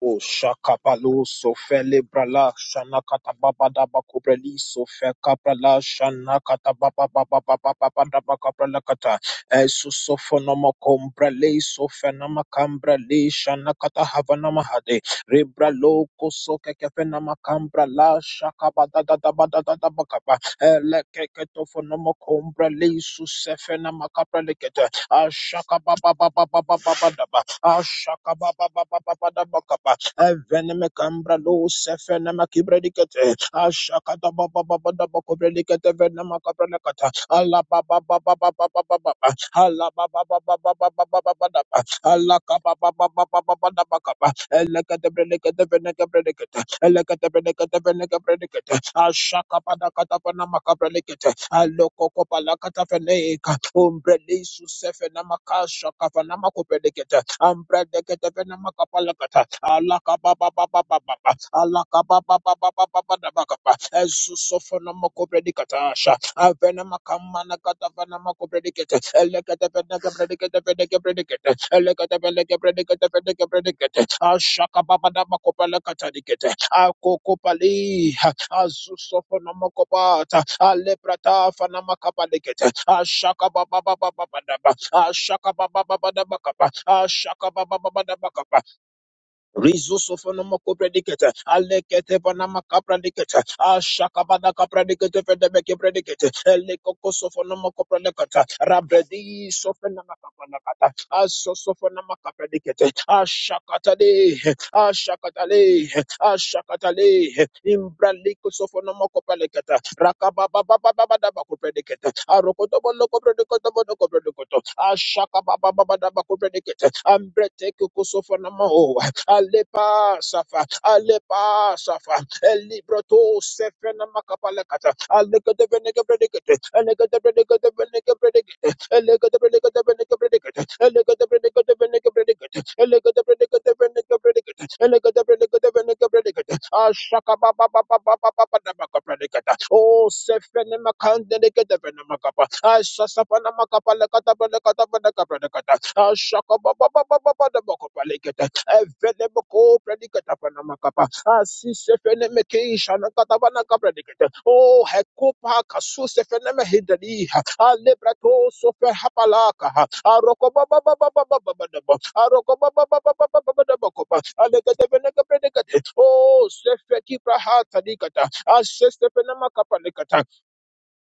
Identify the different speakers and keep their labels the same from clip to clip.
Speaker 1: O shakapalo so fele brala shana kata baba da bakubreli so feka brala shana kata baba baba baba baba da bakabrala kata esu so fonoma kombrale so fenama kambrale shana kata havana mahade rebralo koso keke fenama kambrala shaka bada da da bada da da bakapa ele keke to fonoma kombrale so sefena makabrale kete Ashakababababababababa. Ashakababababababababa. Evenemekambra sevenemakibredikete. Ashakadabababababakobredikete venemakabrenekata. Alababababababababa. Alabababababababababa. Alakabababababababababa. Elekatebrenekatebrenekabrenekete. Elekatebrenekatebrenekabrenekete. Ashakapadakatapanamakabrelekete. baba Umbrelisusefenamakashakafanamakoperekete. Ambredeketefenamakapalakata. Alakababababababa alakabababababababababa ezusofonomokobredicatasha avenamakamanagatavanamakobredicate eleketevenegebrediketevenekebredicate eleketevenegebrediketevenekebredicate ashakababadamakopalakatanikete akokopali azusofonomokobata alepratafanamakapalikete ashakababababababadaba ashakabababababakapa ashakabababababakapa Rizusofonoma copredicate, Alecate Panama capradicate, Ashakabada capradicate, Fedebeke predicate, Elecocosofonoma copradicata, Rabredi sofenama capanacata, Asosofonama capradicate, Ashakatale, Ashakatale, Ashakatale, Imbralico sofonoma copalicata, Rakababa Baba copredicate, Arocotobolo copredicotobolo copredicoto, Ashakababa Baba copredicate, Ambrete Cosofonama Alepa Safa, Alepa Safa, Elibroto Sefena Makapalakata, Alega the Venega Predicate, Alega the Predicate, the Venega Predicate, Alega the Predicate, the Venega Predicate, Alega the Predicate, the Venega Predicate, Alega the Predicate, the Venega Predicate, Alega the Predicate, the Venega Predicate, Ashaka Baba Baba Baba Baba Namaka Predicate, O Sefena Makandenica the Venamakapa, Ashasafana Makapalakata, Benacata, Benaca Predicate, Ashaka Baba Baba Baba Namaka Palicate, Evenemoko predicata panamakapa. Asise fenemeke shanakatabana predicata. Oh, hekupa kasu sefeneme hidali. Alebrato sofe hapalaka. Aroko baba baba baba baba baba. Aroko baba baba baba baba baba baba. Alekate veneka predicate. Oh, sefe kipra hatadikata. Asise fenemakapa likata.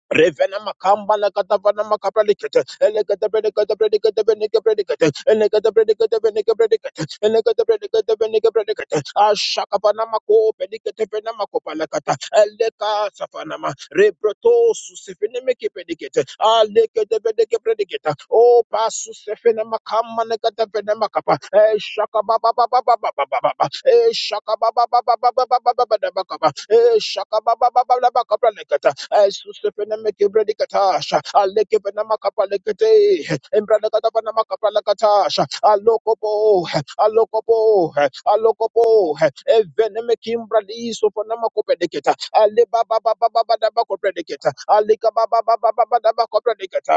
Speaker 1: Revena makamba na katava na makapa likete. Elekete predicate predicate Elegate predicate predicate. Elekete predicate Elegedebelegedebelegebelegede. Ashakapanamako, pelegedebenamakobalakata. Elekasafanama, rebrotosusefenemekepelekete. Alegedebelegepelekete. Oh, pasusefinamakamanagedebenemakapa. Eshakababababababababa. Eshakabababababababababababa. Eshakababababababababababababa. Esusefenemekebelegedasha. Alekebenamakabalekete. Embranagadabanamakabalagadasha. Alokobo alokopo alokopo eveneme kimbra diso fonama kopedeketa ale baba baba baba daba kopedeketa ale baba baba baba daba kopedeketa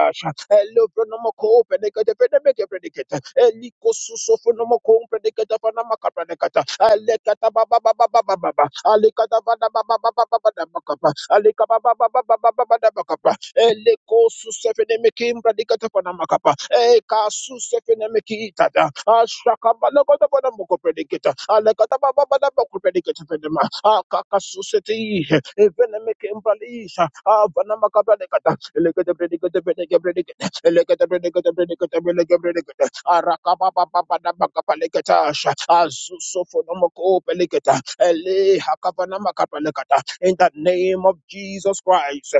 Speaker 1: ele fonama kopedeketa feneme kopedeketa eli kosuso fonama kopedeketa fonama kopedeketa ale kata baba baba baba baba ale kata baba baba baba baba daba kapa ale baba baba baba baba daba Elekosu sefenemekim bradikatapanamaka. Ekasu sefenemekitata. Ashakabalakatapanamukopredikita. Alekatabababanabakopredikatapedema. Akakasuseti. Evenemekim bralisha. Avanamaka bradikata. Elekatapredikatapredikatapredikata. Elekatapredikatapredikatapredikata. Arakababababababakapalekatasha. Azusofonomokopelekata. Elehakavanamakapalegata. In the name of Jesus Christ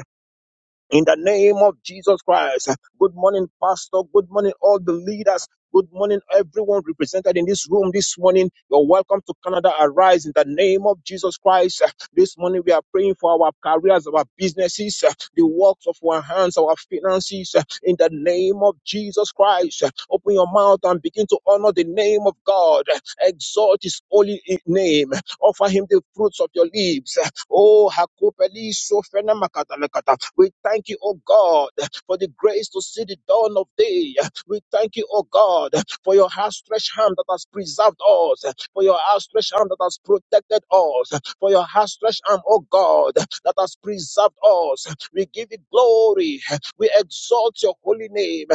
Speaker 1: in the name of Jesus Christ. Good morning, Pastor. Good morning, all the leaders. Good morning, everyone represented in this room this morning. You're welcome to Canada Arise in the name of Jesus Christ. This morning, we are praying for our careers, our businesses, the works of our hands, our finances in the name of Jesus Christ. Open your mouth and begin to honor the name of God. Exalt his holy name. Offer him the fruits of your lips. Oh, Hakopeli Sofena Makatalekata. We thank you, oh God, for the grace to see the dawn of day. We thank you, oh God, for your outstretched hand that has preserved us, for your outstretched hand that has protected us, for your outstretched hand, oh God, that has preserved us. We give you glory. We exalt your holy name.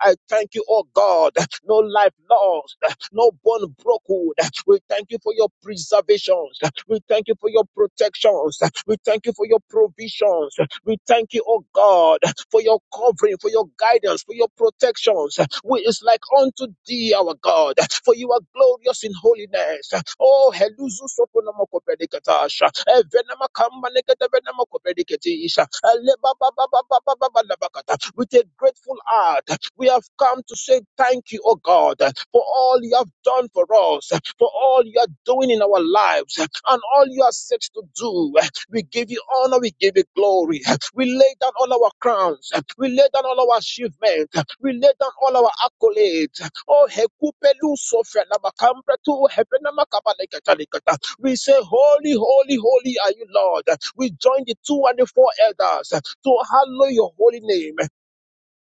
Speaker 1: I thank you, oh God. No life lost, no bone broken, we thank you for your preservations. We thank you for your protections. We thank you for your provisions. We thank you, oh God, for your covering, for your guidance, for your protections. We is like unto thee, our God, for you are glorious in holiness. Oh, heluzu soponamo kopedikatasha. Evenama kamanekete venama kopediketisha. Elebabababababababakata. With a grateful heart, we have come to say thank you, oh God, for all you have done for us for all you are doing in our lives and all you are set to do. We give you honor, we give you glory. We lay down all our crowns, we lay down all our achievements, we lay down all our accolades. Oh, Hekupelu Sofia Namakambra tu Hepenamakabalekatalekata. we say, Holy, holy, holy are you, Lord. We join the two and the four elders to hallow your holy name.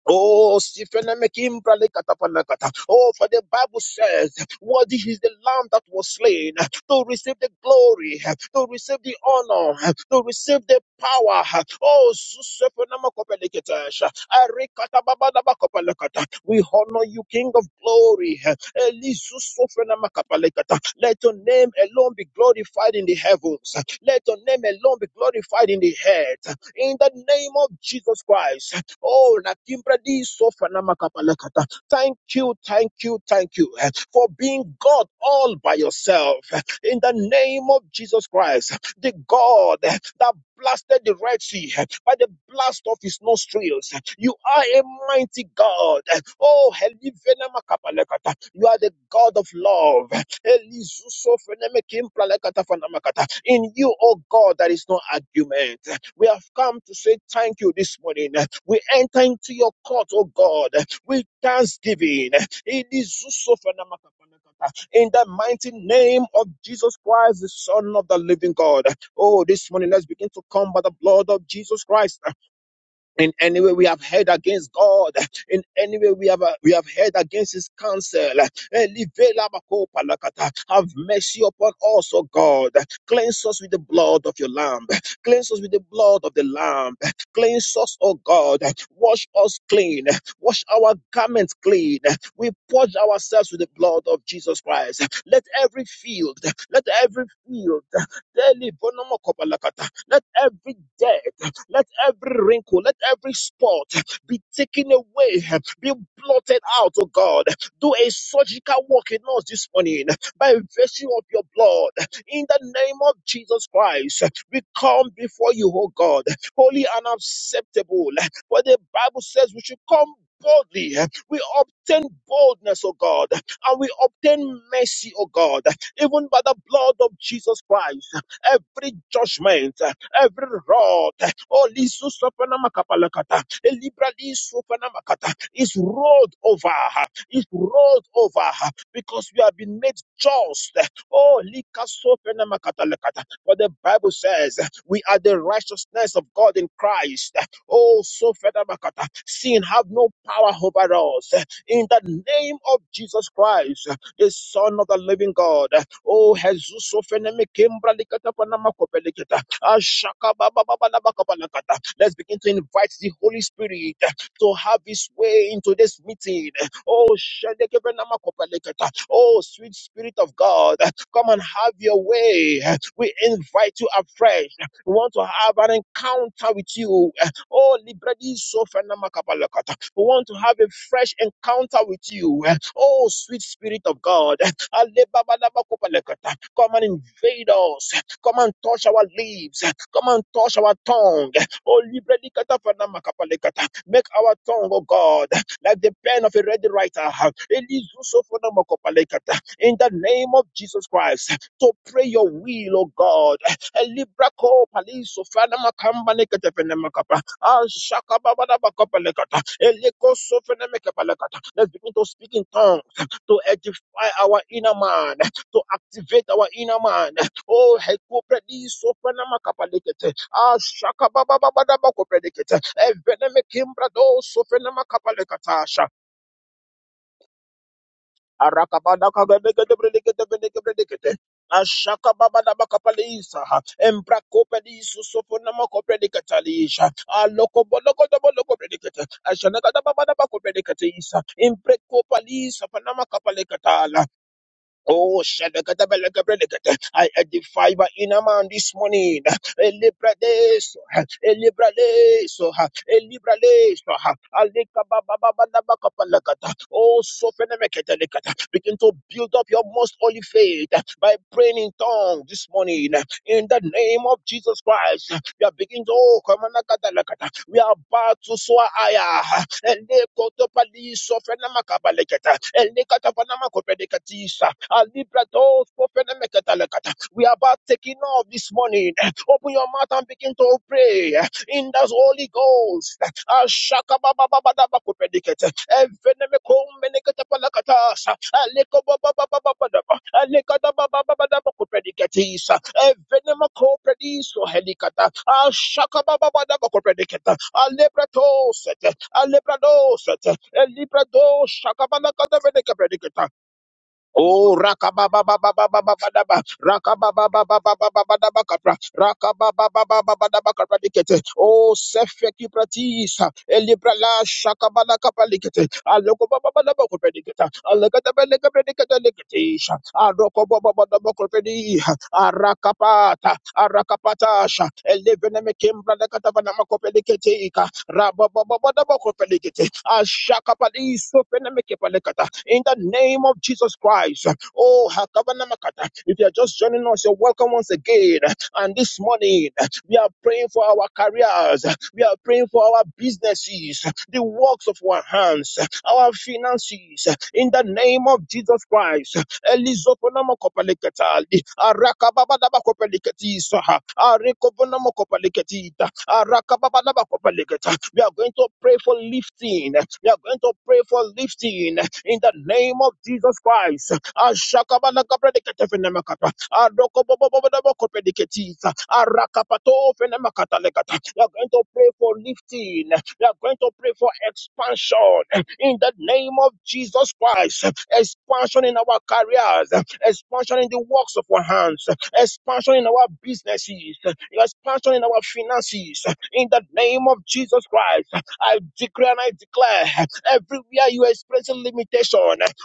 Speaker 1: Oh, Sifenemekimpa lekatapanakata. Oh, for the Bible says, Worthy is the Lamb that was slain to receive the glory, to receive the honor, to receive the power. Oh, Susefenemakopeleketesha. Arekatababadabakopelekata. we honor you, King of glory. Elisususofenemakapelekata. Let your name alone be glorified in the heavens. Let your name alone be glorified in the earth. In the name of Jesus Christ. Oh, na kimbredi sofa na makapalakata. Thank you, thank you, thank you eh, for being God all by yourself. eh, In the name of Jesus Christ, the God eh, that blasted the Red Sea eh, by the blast of his nostrils. eh, You are a mighty God. eh. Oh, Helivena makapalakata. you are the God of love. eh. Elizusofenemekimpralakatafanamakatakata. In you, oh God, there is no argument. eh. We have come to say thank you this morning. We enter into your court, oh God, with thanksgiving. It is so In the mighty name of Jesus Christ, the Son of the Living God. Oh, this morning, let's begin to come by the blood of Jesus Christ in any way we have heard against God, in any way we have uh, we have heard against His counsel, eh, have mercy upon us, O God. Cleanse us with the blood of Your Lamb. Cleanse us with the blood of the Lamb. Cleanse us, O God. Wash us clean. Wash our garments clean. We purge ourselves with the blood of Jesus Christ. Let every field, let every field, let every debt. Let every wrinkle, let every spot be taken away, be blotted out, oh God. Do a surgical work in us this morning by virtue of your blood. In the name of Jesus Christ, we come before you, oh God, holy and acceptable. For the Bible says we should come boldly. We obtain boldness, O God, and we obtain mercy, O God, even by the blood of Jesus Christ. Every judgment, every rod, oh, Lisu Sopanamakapalakata, Libra Lisu Panamakata, is rolled over, is rolled over, because we have been made just. Oh, Lika Sopanamakata, for the Bible says we are the righteousness of God in Christ. Oh, Sopanamakata, sin have no power over us. In the name of Jesus Christ, the Son of the Living God, Oh, Jesus, so feneme kembra likata panama Let's begin to invite the Holy Spirit to have his way into this meeting. Oh, Shedekebenamakopalekata. oh, sweet Spirit of God, come and have your way. We invite you afresh. We want to have an encounter with you. Oh, Libredi Sofenamakapalakata. we want to have a fresh encounter with you. Oh, sweet Spirit of God, Alebabalamakopalekata. come and invade us. Come and touch our lips. Come and touch our tongue. Oh, liberally katafanamakapalikata. Make our tongue, oh God, like the pen of a ready writer. Elizusofonamakopalekata. In the name of Jesus Christ, to pray your will, oh God. Elibrako palisofanamakambaleketepenemakapa. Ashakababadabakopalekata. Elekosofenemekepalekata. Let's begin to speak in tongues to edify our inner man, to activate our inner man. Oh, heko Hekopredi, Sopranama Kapadekete, Ashaka Baba Babadaba Kopredekete, Eveneme Kimbrado, Sopranama Kapalekatasha, Arakabada Kabedekete, Predekete, Predekete, Predekete, Ashaka Baba Daba Kapalisa, Embrakopedi, Sofonama Kopredeketalisha, Aloko Boloko Doboloko Predekete, Ashanaka Baba Daba Kopredekete, Imprekopalisa, Panama Kapalekatala. Oh, shadakatabalakabradakata. I edify my inner man this morning. Elibradeso, elibradeso, elibradeso, alikabababababakapalakata. Oh, sofenemeketelekata. Begin to build up your most holy faith by praying in tongues this morning. In the name of Jesus Christ, we are beginning to. oh, kamanakatalakata. We are about to soar higher ele koto sofena makabaleketa ele kata panama kopedekatisa alibra mekatalekata we are about taking off this morning open your mouth and begin to pray in the Holy Ghost ashaka baba baba baba kopedeketa evene mekomeneketa palakatasa aleko baba baba baba baba alekata baba baba baba kopedekatisa evene makoprediso helikata ashaka baba baba baba kopedeketa alebrato set. Alebrados, Elibrados, Shakabanakata, in the name of Jesus Christ. Oh, Hakabanamakata. If you are just joining us, you're welcome once again. And this morning, we are praying for our careers. We are praying for our businesses, the works of our hands, our finances. In the name of Jesus Christ. Elizoponamakopaleketali, arakababadabakopaleketisaha, arekobonamakopaleketita, arakababadabakopaleketa. We are going to pray for lifting. We are going to pray for lifting in the name of Jesus Christ. Ashakabalakabradikatefinemakata. Adokobobobobobobokopediketisa. Arakapatofenemakatalegata. You are going to pray for lifting. You are going to pray for expansion in the name of Jesus Christ. Expansion in our careers, expansion in the works of our hands, expansion in our businesses, expansion in our finances. In the name of Jesus Christ, I decree and I declare everywhere you are experiencing limitation,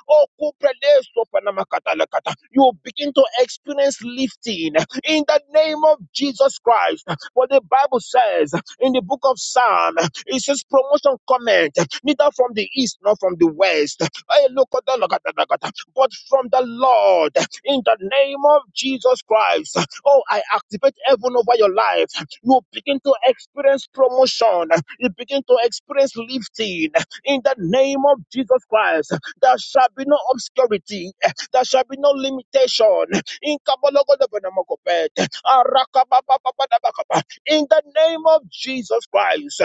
Speaker 1: oh, kuprele sopanamakatalakata, you will begin to experience lifting in the name of Jesus Christ. What the Bible says in the book of Psalm, it says promotion comment, neither from the east nor from the west, Eh, lokotalakatalakata, but from the Lord in the name of Jesus Christ. Oh, I activate heaven over your life you begin to experience promotion, you begin to experience lifting in the name of Jesus Christ. There shall be no obscurity, there shall be no limitation. In Kabalogodobonamokopet, Arakabababababakaba, in the name of Jesus Christ.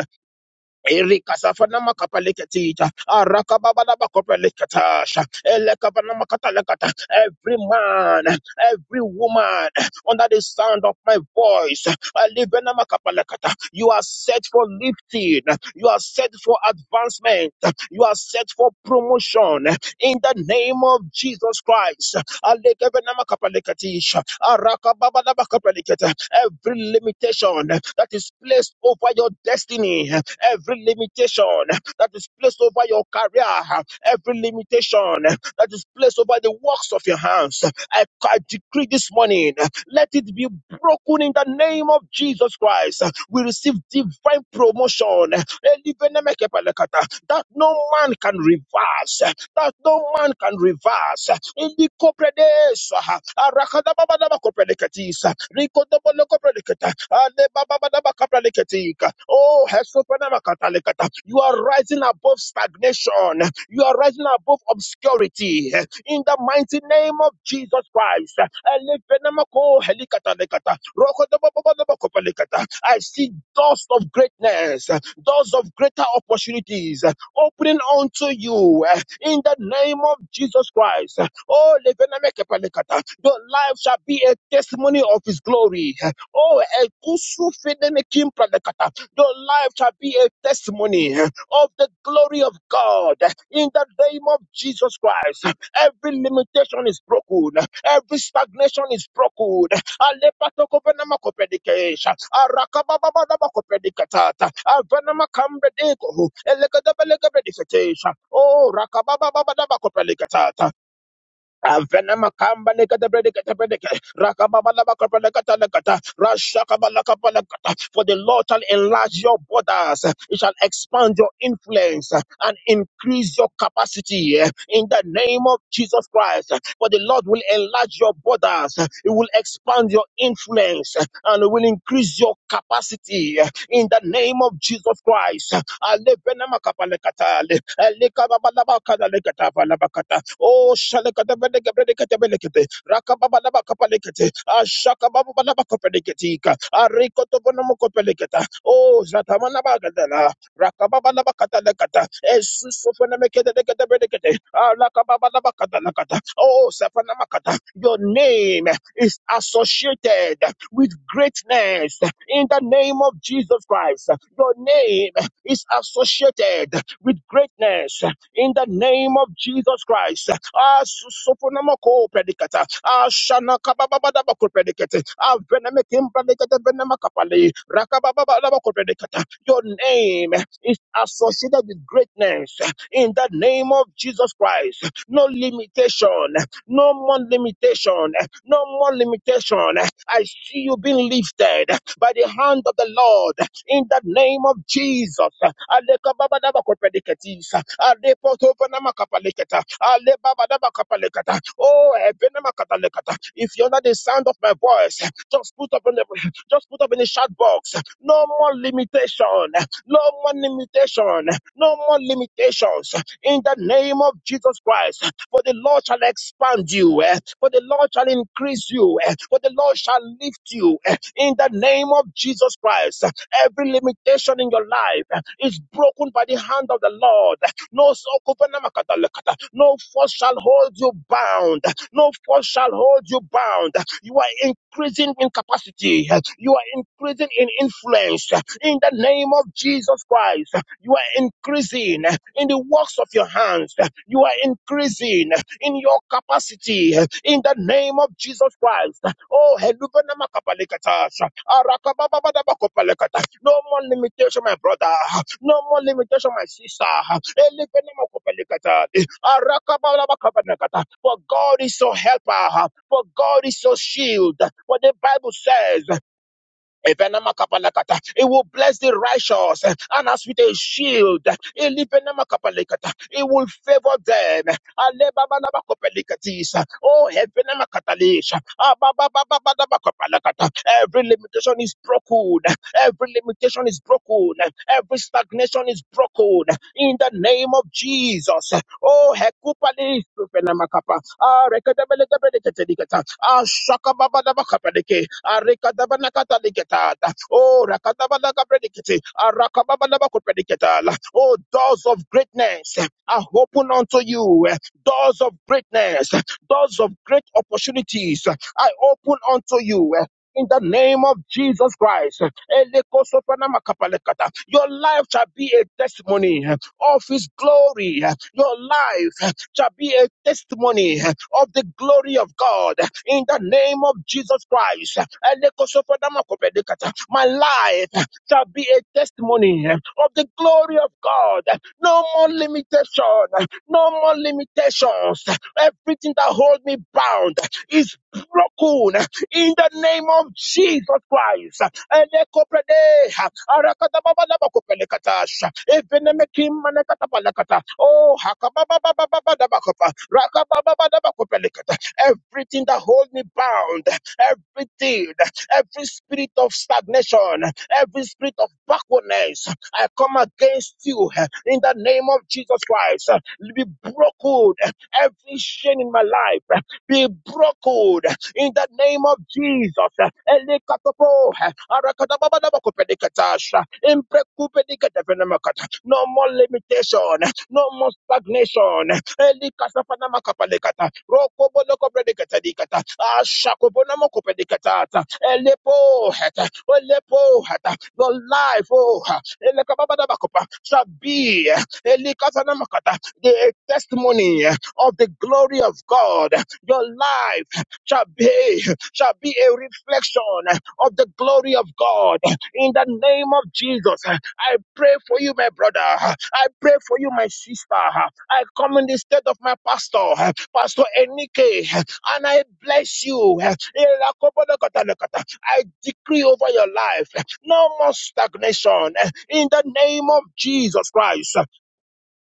Speaker 1: Erikasafana makapaleketita, arakababada bakopelekatasha, elekabana makatalekata. Every man, every woman under the sound of my voice, alibena makapalekata. you are set for lifting, you are set for advancement, you are set for promotion in the name of Jesus Christ. Alekebena makapalekatisha, arakababada bakopelekata. Every limitation that is placed over your destiny, every limitation that is placed over your career, every limitation that is placed over the works of your hands. I, I decree this morning, let it be broken in the name of Jesus Christ. We receive divine promotion, that no man can reverse. That no man can reverse. Ilikopredeso. Oh, you are rising above stagnation. You are rising above obscurity. In the mighty name of Jesus Christ. Elevenamako helikatalekata. Rokodobobobodobokopalikata. I see doors of greatness, doors of greater opportunities opening unto you in the name of Jesus Christ. Oh, levenamekepalikata. your life shall be a testimony of His glory. Oh, ekusu fenemekimpralekata. Your life shall be a testimony of the glory of God in the name of Jesus Christ. Every limitation is broken, every stagnation is broken. Alepatokovenamakopredication. Arakababababakopredicatata. Avenamakambredeko. Elekedebelekepredication. Oh, rakababababakopredicatata. Avenema kamba leka de brede kete brede ke. Rakababa laba kapa leka ta leka ta. Rashakaba laka pa leka ta. For the Lord shall enlarge your borders, He shall expand your influence and increase your capacity in the name of Jesus Christ. For the Lord will enlarge your borders, He will expand your influence and will increase your capacity in the name of Jesus Christ alevena makapalekata ale elekababalabakanalekata balabakata o shalekatebelekebreleketebelekete rakababalabakapalekete ashakababalabakapadeketika arikotobonomokopeleketa o Rakababalabakatalakata. Esusofenemekedekete. Alakababalabakatalakata. Oh, Sapanamakata, your name is associated with greatness in the name of Jesus Christ. Your name is associated with greatness in the name of Jesus Christ. Ah, susupunamako predicata. Ah, shanakabababadabako predicate. Ah, venemikim predicate venemakapali. Rakabababadabako predicata. Your name is associated with greatness in the name of Jesus Christ. No limitation, no more limitation, no more limitation. I see you being lifted by the hand of the Lord in the name of Jesus. Alekababadabakopediketis. Alepotopanamakapaliketa. Alebabadabakapaleketa. Oh, ebena makataleketa. if you're not the sound of my voice, just put up in the just put up in the chat box. No more limitation. No more limitation. No more limitations. In the name of Jesus Christ, for the Lord shall expand you, eh, for the Lord shall increase you, eh, for the Lord shall lift you eh, in the name of Jesus Christ. Every limitation in your life is broken by the hand of the Lord. No sokupenamakadalekata. no force shall hold you bound. No force shall hold you bound. You are increasing in capacity. You are increasing in influence. In the name of Jesus Christ, you are increasing in the works of your hands. You are increasing in your capacity in the name of Jesus Christ. Oh, heluvena makapalekata, arakababababakopalekata. no more limitation, my brother. No more limitation, my sister. Elevena makopalekata, arakabababakopalekata. For God is your helper. For God is your shield. What the Bible says. Ebenema It will bless the righteous, eh, and as with a shield, eh, Elibenema it will favor them. Alebabalaba eh. Oh, Ebenema katalish, eh. every limitation is broken, every limitation is broken, every stagnation is broken in the name of Jesus. Oh, Hekupali Ah, rekadabalekabalekatelikata. Ah, shakababadabakabadeke. Ah, rekadabanakataliketata. Oh, rakadabalakabredikete. Ah, rakababadabakoprediketala. Oh, doors of greatness are open unto you. Doors of greatness, doors of great opportunities I open unto you. In the name of Jesus Christ, Elekosopanakapalekata. your life shall be a testimony of His glory. Your life shall be a testimony of the glory of God in the name of Jesus Christ. My life shall be a testimony of the glory of God. No more limitation, no more limitations. Everything that holds me bound is broken in the name of Jesus Christ. Elekopredeha, Arakatababalabakopelekatasha, Evenemekimanekatabakata, Oh, Hakababababababadabakopa, Rakabababababakopelekata. everything that holds me bound, everything, every spirit of stagnation, every spirit of backwardness, I come against you in the name of Jesus Christ. Be broken, every shame in my life, be broken, in the name of Jesus. Elekatopo, arakadababadabakopedikatasha, imprekupedikatevenemakata. No more limitation, no more stagnation. Elikasafanamakapalekata, rokobolokopedikatadikata, ashakobonamokopelikatata, elepoheta, olepoheta. Your life, oh, elekababadabakopa, shall be elikasanamakata, the testimony of the glory of God. Your life shall be shall be a reflection of the glory of God in the name of Jesus. I pray for you, my brother. I pray for you, my sister. I come in the stead of my pastor, Pastor Enike, and I bless you. I decree over your life no more stagnation in the name of Jesus Christ.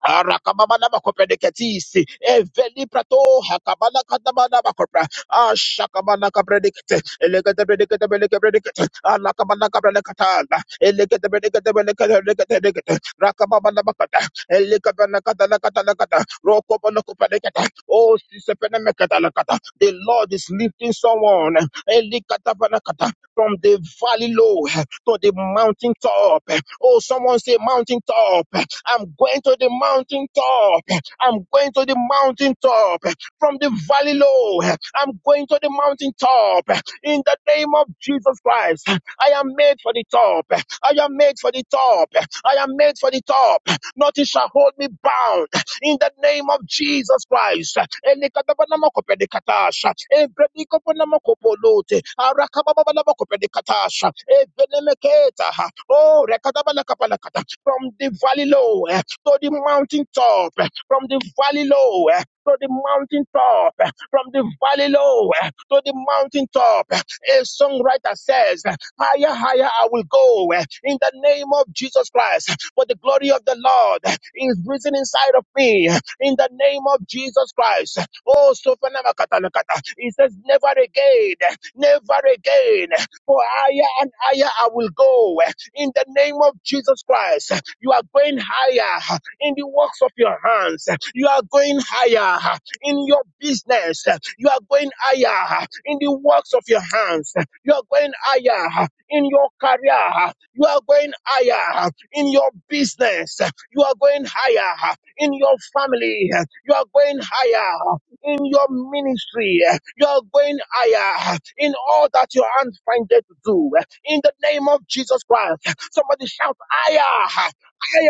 Speaker 1: Arakababala bakoprediketisi. Eveli prato hakabala kadabala bakopra. Ashakabala kapredikete. Elegete predikete beleke predikete. Alakabala kabredikatala. Elegete predikete beleke predikete predikete. Rakamana bakata. Elekabala katala katala kata. Rokobala kopredikete. Oh, sisepene mekatalakata. The Lord is lifting someone Elikatapana kata. from the valley low to the mountain top. Oh, someone say mountain top. I'm going to the mountain top. I'm going to the mountain top. From the valley low, I'm going to the mountain top. In the name of Jesus Christ, I am made for the top. I am made for the top. I am made for the top. Nothing shall hold me bound. In the name of Jesus Christ. Elekatabanamokopedekatasha. Ebredikoponamokopodote. Arakabababanamokopedecatasha. Ebenemeketaha. Oh, rekatabalakapalakata from the valley low eh, to the mountain top, eh, from the valley low eh, to the mountain top, eh, from the valley low eh, to the mountain top. eh. A songwriter says, eh, Higher, higher I will go eh, in the name of Jesus Christ, eh, for the glory of the Lord eh, is risen inside of me eh, in the name of Jesus Christ. eh." Oh, Sophanamakatalakata. He says, Never again, eh, never again, eh, for higher and higher I will go. eh, in the name of Jesus Christ. You are going higher in the works of your hands. You are going higher in your business. You are going higher in the works of your hands. You are going higher in your career. You are going higher in your business. You are going higher in your family. You are going higher in your ministry. You are going higher in all that your hands find it to do. In the name of Jesus Christ, somebody shout higher, higher.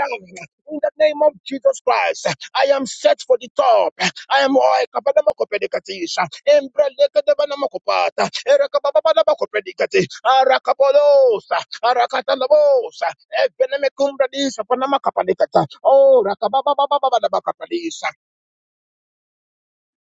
Speaker 1: In the name of Jesus Christ, I am set for the top. I am all kapadamakopedikatisha. Embrelekadabanamokopata. Erakabababadabakopedikati. Arakabolosa. Arakatalabosa. Ebenemekumbradisa panamakapalekata. Oh, rakabababababadabakapadisa.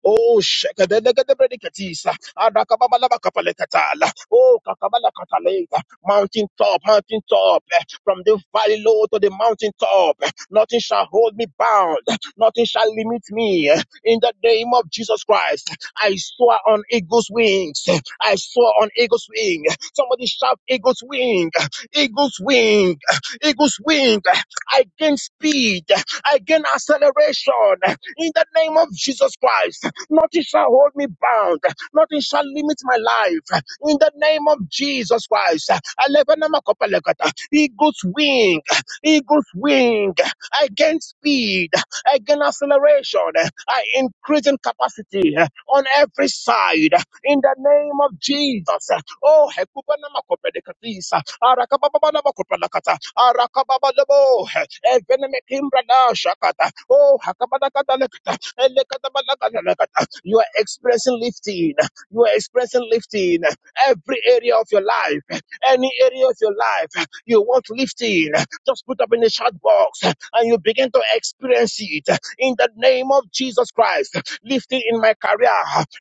Speaker 1: Oh, shekadelekedebrediketisa. Adakababalabakapalekatala. Oh, kakabalakataleka. mountain top, mountain top, eh, from the valley low to the mountain top. eh, Nothing shall hold me bound, nothing shall limit me. eh. In the name of Jesus Christ, I soar on eagle's wings. eh, I soar on eagle's wing. Somebody shout eagle's wing, eagle's wing, eagle's wing. I gain speed, I gain acceleration in the name of Jesus Christ. Nothing shall hold me bound. Nothing shall limit my life. In the name of Jesus Christ. Elevenamakopelekata. Eagle's wing. Eagle's wing. I gain speed. I gain acceleration. I increase in capacity on every side. In the name of Jesus. Oh, hekuba na makopede katisa, arakababa hekubana makopedekatisa. Arakababana makopelakata. Arakababalabo. Eveneme kimbrana shakata. Oh, hakabadakata lekata. Elekatabalakata lekata. You are expressing lifting. You are expressing lifting. Every area of your life, any area of your life, you want lifting. Just put up in the chat box and you begin to experience it in the name of Jesus Christ lifting in my career,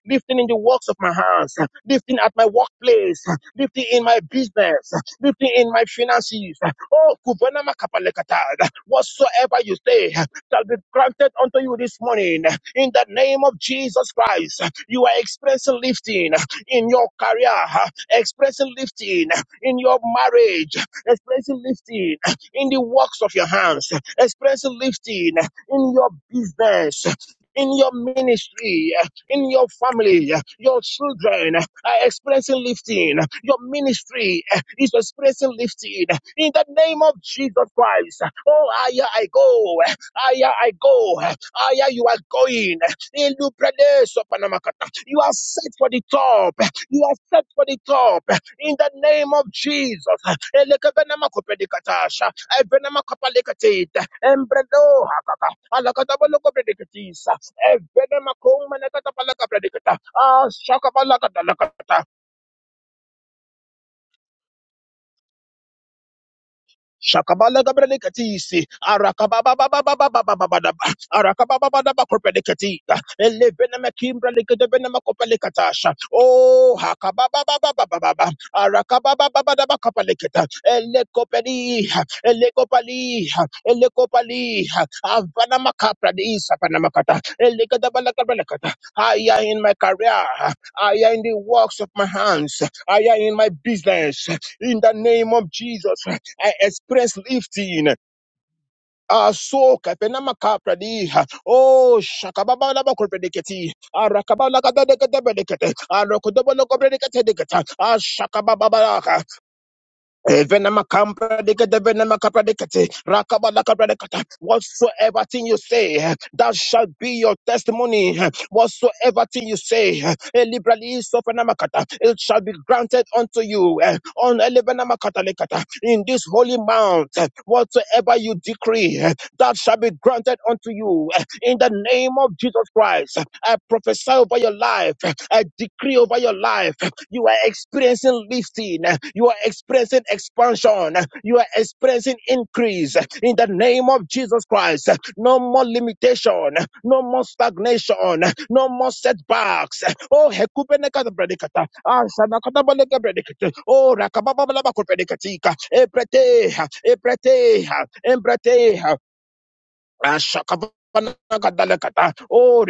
Speaker 1: lifting in the works of my hands, lifting at my workplace, lifting in my business, lifting in my finances. Oh, Kubanama Kapalekata, whatsoever you say shall be granted unto you this morning in the name of Jesus Christ. You are experiencing lifting in your career, experiencing lifting in your marriage, experiencing lifting in the works of your hands, experiencing lifting in your business, in your ministry, in your family, your children are experiencing lifting, your ministry is experiencing lifting in the name of Jesus Christ. Oh, Aya, I go, Aya, I go, Aya, you are going. Ilubrede sopanamakata. You are set for the top, you are set for the top, in the name of Jesus. Elekebenamakopedikatasha, ebenamakapalikatita, embredohakaka, alakatabalokopedikatisa, ebenamakomanakatapalakapedikata, ashakabalakatalakata. Shaka babalagabrele katiisi, arakababababababababababada, arakabababababakupelikati. Eleven makimbrele kudavenma kupalikatasha. Oh, hakababababababababab, arakabababababakupalikata. Eleko pali, eleko pali, eleko pali. Afana makapradeesa, afana makata. Eleko dabalagabrele kata. I am in my career, I am in the works of my hands, I am in my business. In the name of Jesus. I experience lifting. Ah, so kapenama kapradi. Oh, shakababa laba kopredeketi. Ah, rakababa lagadadekete bedekete. Ah, rokodobolo kopredekete dekete. Ah, shakababa la. Evenema kampra dekete, venema kapra dekete, rakaba la kapra dekata. Whatsoever thing you say, eh, that shall be your testimony. eh. Whatsoever thing you say, liberally elibrali sofenema it shall be granted unto you. eh, On elevenema kata lekata, in this holy mount, eh, whatsoever you decree, eh, that shall be granted unto you. eh, in the name of Jesus Christ, I prophesy over your life. I decree over your life. You are experiencing lifting. You are experiencing expansion. You are experiencing increase. In the name of Jesus Christ, no more limitation, no more stagnation, no more setbacks. Oh, hekubeneka bredikata. Ah, sanakata baleka bredikata. Oh, rakababa balaba kubenekatika. Ebrete, ebrete, ebrete. Ashakabanakadalekata. Oh,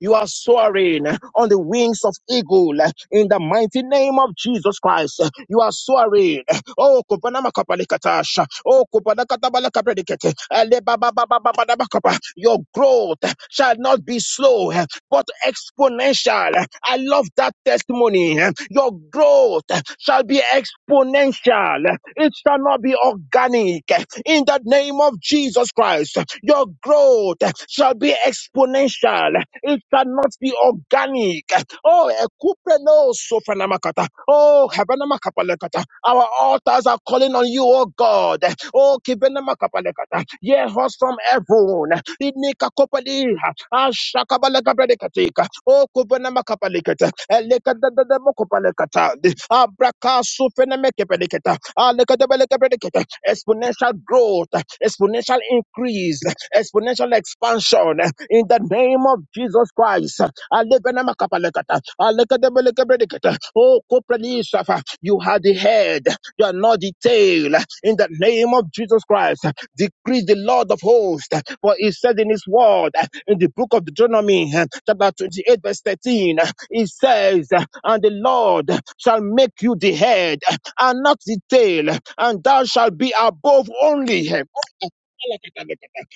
Speaker 1: you are soaring on the wings of eagle in the mighty name of Jesus Christ. You are soaring Oh, kobanama kapalikatasha. Oh, kobanakatabalakabredikete. Elebababababababakapa. Your growth shall not be slow, eh, but exponential. I love that testimony. eh. Your growth shall be exponential. It shall not be organic. In the name of Jesus Christ, your growth shall be exponential. It shall not be organic. Oh, ekupreno sofranamakata. Oh, hebenamakapalekata. Our altars are calling on you, oh God. Oh, kibenamakapalekata. Hear us from heaven. Inikakopaliha. Ashakabalekabredekatika. Oh, kubenamakapalekata. Elekadadadamokopalekata. Abrakasufenemekepelekata. Alekadabelekabredekata. Exponential growth, exponential increase, exponential expansion in the name of Jesus Christ. Alebenamakapalekata, alekadebelekebredekata. Oh, Koprenisafa, you are the head, you are not the tail. In the name of Jesus Christ, decree the Lord of hosts, for he said in his word, in the book of Deuteronomy, chapter 28, verse 13, he says, And the Lord shall make you the head, and not the tail, and thou shalt be above only.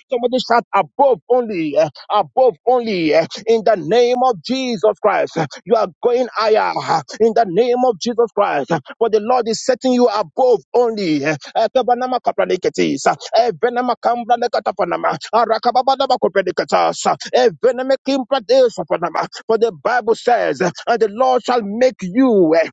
Speaker 1: Somebody shout above only, uh, above only, uh, in the name of Jesus Christ. Uh, You are going higher uh, in the name of Jesus Christ. Uh, For the Lord is setting you above only. uh, Ekebanama kapraneketis, uh, Evenema kambranekatapanama, Arakababadaba kopraneketas, uh, Eveneme kimpradesapanama. For the Bible says, uh, and the Lord shall make you. eh,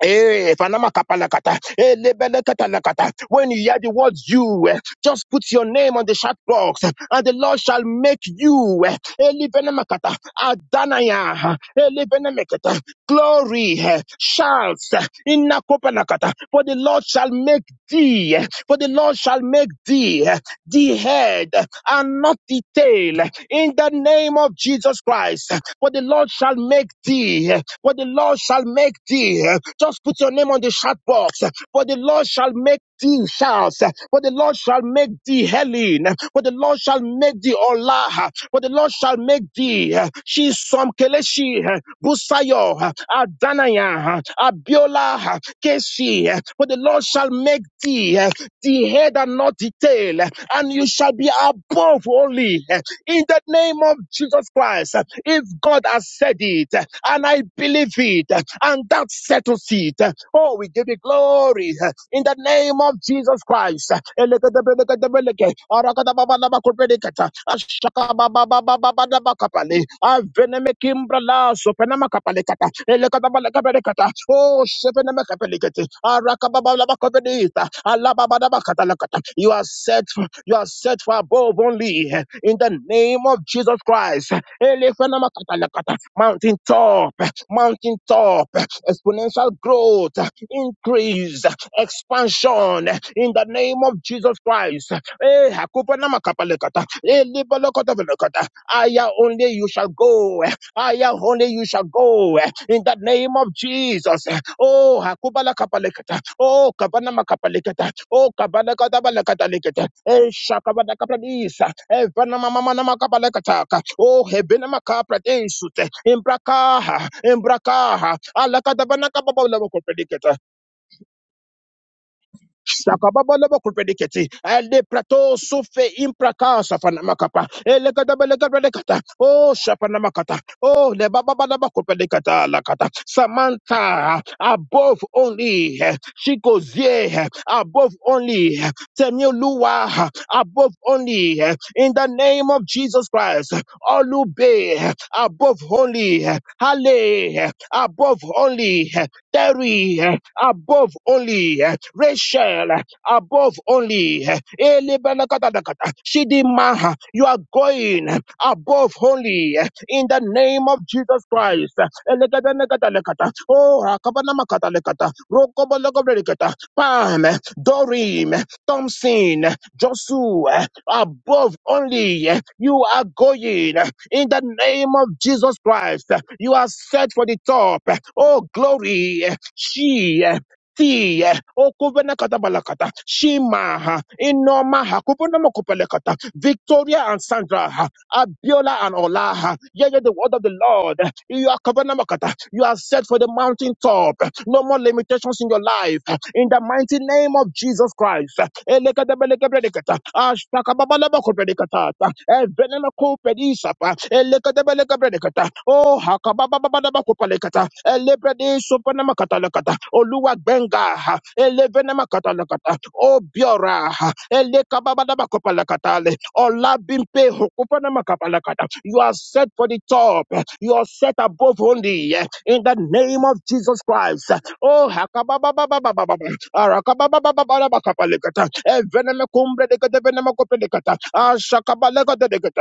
Speaker 1: Eh, Fanamakatalakata, eh, Lebelekatalakata. When you hear the word you, eh, just put your name on the chat box, eh, and the Lord shall make you eh, eh, Lebenemakata, Adanaya, eh, Lebenemekata, glory, eh, shouts, eh, Inakopanakata. for the Lord shall make thee, eh, for the Lord shall make thee. eh, the head and not the tail in the name of Jesus Christ. For the Lord shall make thee, for the Lord shall make thee. Just put your name on the chat box. For the Lord shall make thee Charles. For the Lord shall make thee Helen. For the Lord shall make thee Allah. For the Lord shall make thee. She some Keleshi, Busayo, Adanaya, Abiola, Kesi. For the Lord shall make thee the head and not the tail, and you shall be above only. In the name of Jesus Christ, if God has said it, and I believe it, and that settles it. Oh, we give you glory in the name of Jesus Christ. Oh, You are set, you are set for above only in the name of Jesus Christ. Mountain top, mountain top, exponential growth, increase, expansion in the name of Jesus Christ. Eh, hakupa na makapalekata. Aya only you shall go. Aya only you shall go. In the name of Jesus. Oh, Hakubala Kapalekata. Oh, Kabanama Kapalekata. Oh, Kabana Katabalakatalekata. Eh, Shakabana Kapalisa. Eh, Vanama Mamanama Kapalekataka. Oh, Hebenama Kapratensute. Imbrakaha. Imbrakaha. Alakatabana Kapabala Sakababala bakurvediketi. Ele prato sufe impraka safanamakapa. Ele kadabele kata Oh shapana makata Oh le bababala bakurvedikata lakata. Samantha above only eh, eh, above only eh, eh, above only eh, in the name of Jesus Christ. Olube eh, above only eh, Hale eh, above only. Terry eh, above only, eh, Rachel eh, above only, eh, Elebanakatadakata, Shidima, eh, you are going eh, above only eh, in the name of Jesus Christ. eh, Elegadanakatalakata, Oh, Akabanamakatalakata, Rokobalakobrekata, Pam, eh, Dorim, eh, Thompson. eh, just to eh, above only eh, you are going eh, in the name of Jesus Christ. eh, You are set for the top. eh, Oh, glory. eh, She eh, ti eh, okuvena kata balakata shima ha inoma ha kupona mokopelekata victoria and sandra ha Abiola and Ola. Yeah, yeah, the word of the Lord. You are covenant marketer. You are set for the mountain top. No more limitations in your life. In the mighty name of Jesus Christ. Elekadebelekebredekata. Ashtakababalabakodredekata. Evenemekopedisapa. Elekadebelekebredekata. Oh, kabababababakopalekata elebrede sopanamakatalakata oluwagbenga ha, elevenemakatalakata obiora ha, elekababababakopalakatale olabimpe hokupanamakatalakata you are set for the top you are set above only eh, in the name of Jesus Christ oh hakababababababa arakabababababakopalekata evenemekumbredekadevenemekopelekata ashakabalekadelegata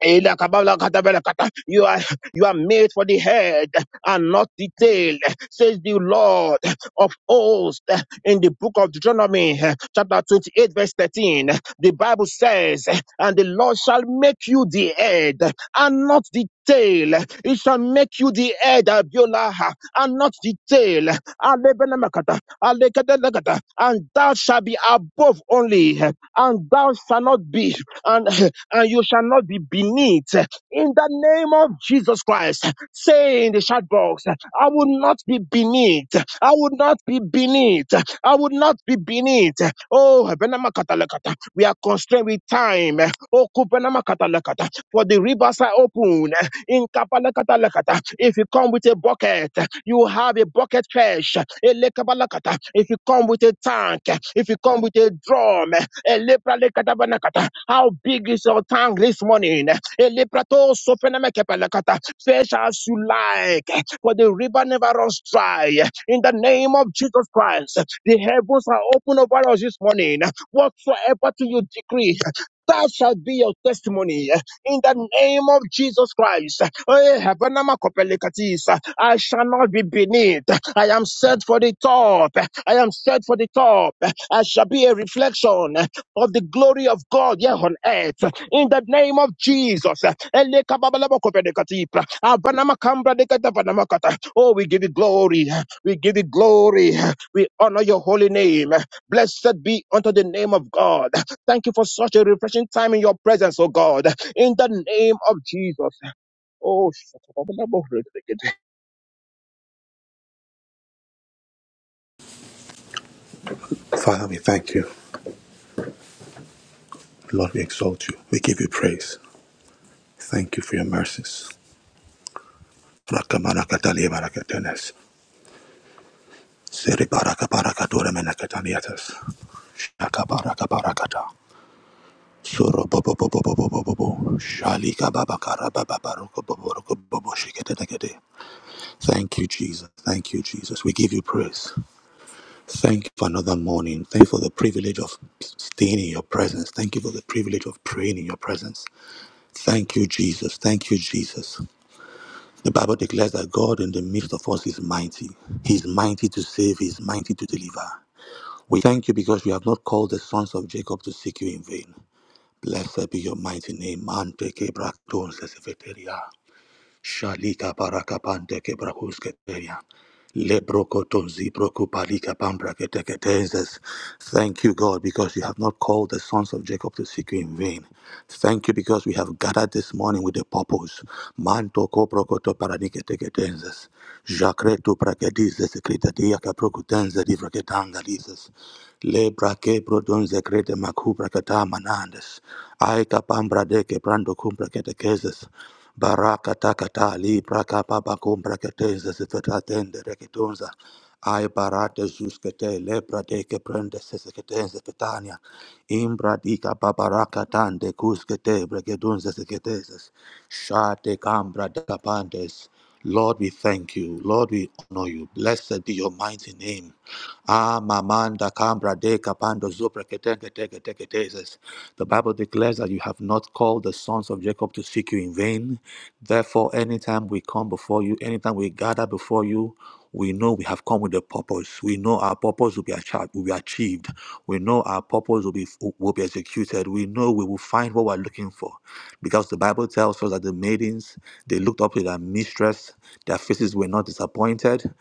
Speaker 1: Ela kabala katabela kata. You are you are made for the head and not the tail, says the Lord of hosts in the book of Deuteronomy, chapter 28, verse 13. The Bible says, And the Lord shall make you the head and not the tail. He shall make you the head, Abiola, and not the tail. Alebenemakata, alekedelekata. And thou shalt be above only, and thou shalt not be. and and you shall not be beneath. In the name of Jesus Christ, say in the chat box, I will not be beneath. I will not be beneath. I will not be beneath. Oh, Benama Katalakata, we are constrained with time. Oh, Kubenama Katalakata, for the rivers are open. In Kapalakatalakata, if you come with a bucket, you have a bucket fish. Elekabalakata, If you come with a tank, if you come with a drum, Elepralekatabanakata, how big is your tongue this morning? Eleprato sofenemekepelekata. Fish as you like, for the river never runs dry. In the name of Jesus Christ, the heavens are open over us this morning. Whatsoever to you decree, that shall be your testimony in the name of Jesus Christ. Eh, Habanama Kopelekatis, I shall not be beneath. I am set for the top. I am set for the top. I shall be a reflection of the glory of God here on earth. In the name of Jesus. Oh, we give you glory. We give you glory. We honor your holy name. Blessed be unto the name of God. Thank you for such a refreshing time in your presence, oh God. In the name of Jesus. Oh,
Speaker 2: Father, we thank you. Lord, we exalt you. We give you praise. Thank you for your mercies. Thank you, Jesus. Thank you, Jesus. We give you praise. Thank you for another morning. Thank you for the privilege of staying in your presence. Thank you for the privilege of praying in your presence. Thank you, Jesus. Thank you, Jesus. The Bible declares that God in the midst of us is mighty. He is mighty to save, He is mighty to deliver. We thank you because you have not called the sons of Jacob to seek you in vain. Blessed be your mighty name. Ante ke brakton sesefeteria. Shalika barakapante kebrahusketaya. Lebrokotozi brokopalika pambraketeketezes. Thank you, God, because you have not called the sons of Jacob to seek you in vain. Thank you because we have gathered this morning with a purpose. Manto kobrokoto paraniketeketezes. Jacreto prakedises secretaria caprocutense di vracetangalises. Lebra que prodonze crete macubra catamanandes. Aika pambra de que prando cumbra Barakataka libra kapa bakum braketeza zifetaten de reketunza. Ai barate juskete lebra de ke prende seseketenze fetania. Imbra dika babaraka tande kuskete breketunza seketezes. Shate kambra dakapandes. Lord, we thank you. Lord, we honor you. Blessed be your mighty name. Ah, mamanda cambra de capando zupra ketenge teke teke tezes. The Bible declares that you have not called the sons of Jacob to seek you in vain. Therefore, anytime we come before you, anytime we gather before you, we know we have come with a purpose. We know our purpose will be achieved. Will be achieved. We know our purpose will be will be executed. We know we will find what we're looking for, because the Bible tells us that the maidens they looked up to their mistress. Their faces were not disappointed.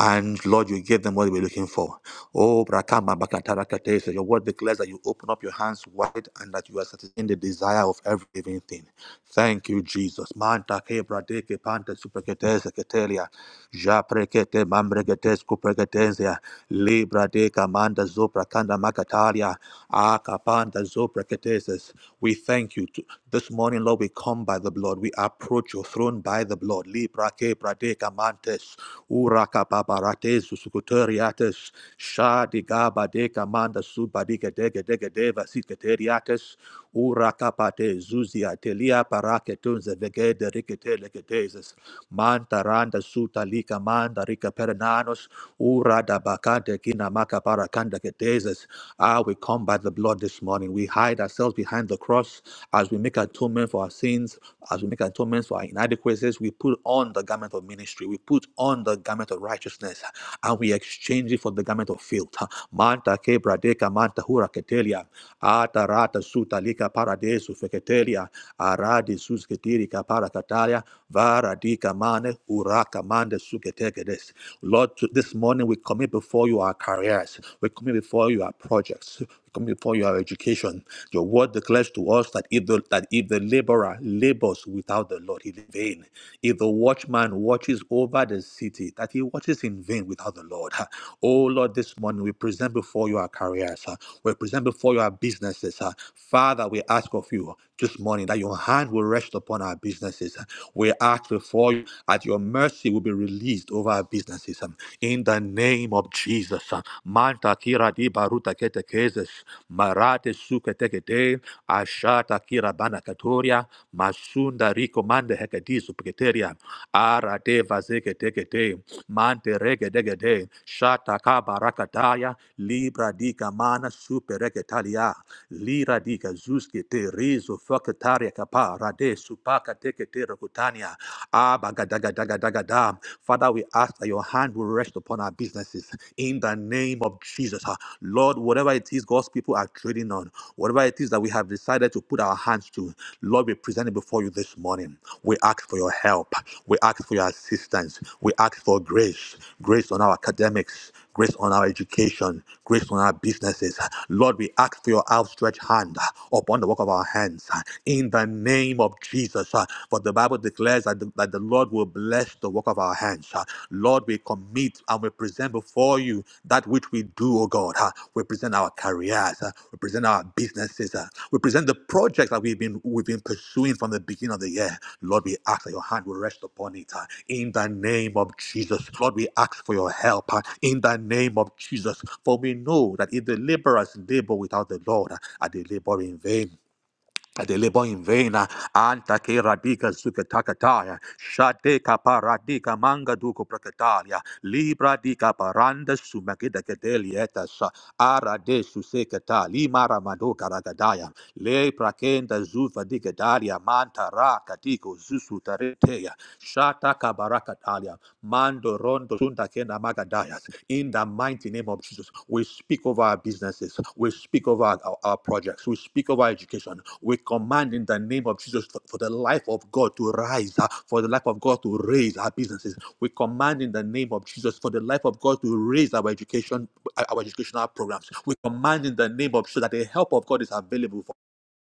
Speaker 2: And Lord, you gave them what they were looking for. Oh, Brakama Bakatarakate, so your word declares that you open up your hands wide and that you are satisfying the desire of every living thing. Thank you, Jesus. Manta kebra deke panta supreketeze ketelia. Ja prekete mambregetes kupregetezia. Libra deka manda zopra kanda makatalia. Aka panda zopra ketezes. We thank you. t- This morning, Lord, we come by the blood. We approach your throne by the blood. Libra kebra deka mantes. Uraka paparates susukuteriates. Shadi gaba deka manda subadike dege dege deva siketeriates urakapate zuzia telia paraketunze vegede rikete legeteses manta randa suta lika manda rika perenanos urada bakante kina maka parakanda keteses ah we come by the blood this morning we hide ourselves behind the cross as we make atonement for our sins as we make atonement for our inadequacies we put on the garment of ministry we put on the garment of righteousness and we exchange it for the garment of filth manta kebra deka manta hura ketelia ata rata suta lika Kateri Paradesu Feketelia Aradi Susketiri Kapara Kataria Varadi Kamane Uraka Mande Suketekedes. Lord, this morning we commit before you our careers, we commit before you our projects, we commit before you our education. Your word declares to us that if the that if the laborer labors without the Lord, he is in vain. If the watchman watches over the city, that he watches in vain without the Lord. Oh Lord, this morning we present before you our careers. uh, We present before you our businesses. uh, Father, Father, we ask of you this morning that your hand will rest upon our businesses. We ask before you that your mercy will be released over our businesses. In the name of Jesus. Manta kira di baruta kete kezes. Marate suke tekete. Ashata kira bana katoria. Masunda riko mande hekedisu piketeria. Ara de vazeke tekete. Mante rege degede. Shata kabarakataya. Libra di kamana supereketalia. Lira di ruske te rizo fakataria kapa rade supaka teke te rakutania abagadagadagadagadam. Father, we ask that your hand will rest upon our businesses in the name of Jesus. Ah, Lord, whatever it is God's people are trading on, whatever it is that we have decided to put our hands to, Lord, we present it before you this morning. We ask for your help. We ask for your assistance. We ask for grace, grace on our academics, grace on our education, grace on our businesses. Lord, we ask for your outstretched hand upon the work of our hands in the name of Jesus. For the Bible declares that the, that the Lord will bless the work of our hands. Lord, we commit and we present before you that which we do, O God. We present our careers, uh, represent our businesses, uh, represent the projects that we've been we've been pursuing from the beginning of the year. Lord, we ask that your hand will rest upon it uh, in the name of Jesus. Lord, we ask for your help uh, in the name of Jesus. For we know that if the laborers labor without the Lord, uh, are they labor in vain? Adelebo in vena, anta che radica su che takataya, shate kaparadica manga duco prakatalia, libra di caparanda su magida cadelietas, ara de su secata, limara mado caragadaya, le prakenda zuva di cadaria manta ra catico Susutareteya, Shata Kabarakatalia, Mando Rondo Sundakena Magadayas. In the mighty name of Jesus, we speak over our businesses, we speak over our, our- our projects, we speak over our education. We command in the name of Jesus for, for the life of God to rise, uh, for the life of God to raise our businesses. We command in the name of Jesus for the life of God to raise our education, our educational programs. We command in the name of Jesus that the help of God is available for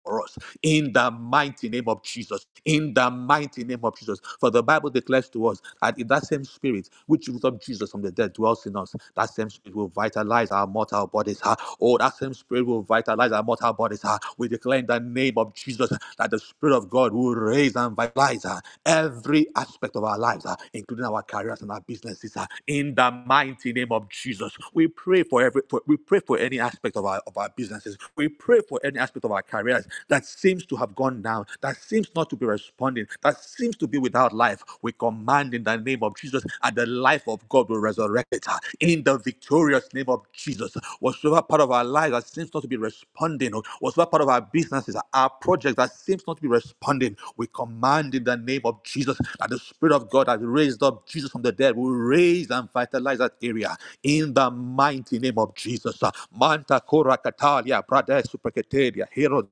Speaker 2: for us in the mighty name of Jesus. In the mighty name of Jesus. For the Bible declares to us that in that same spirit which rose up Jesus from the dead dwells in us, that same spirit will vitalize our mortal bodies. ah. Oh, that same spirit will vitalize our mortal bodies. ah. We declare in the name of Jesus that the Spirit of God will raise and vitalize ah, every aspect of our lives, ah, including our careers and our businesses. ah. In the mighty name of Jesus, we pray for every for, we pray for any aspect of our of our businesses. We pray for any aspect of our careers that seems to have gone down, that seems not to be responding, that seems to be without life, we command in the name of Jesus, and the life of God will resurrect it uh, in the victorious name of Jesus. Whatsoever part of our lives that seems not to be responding, or whatsoever part of our businesses, our projects that seems not to be responding, we command in the name of Jesus that the Spirit of God has raised up Jesus from the dead will raise and vitalize that area in the mighty name of Jesus. Uh, Manta Kora Katalia, Brother Superketeria, Hero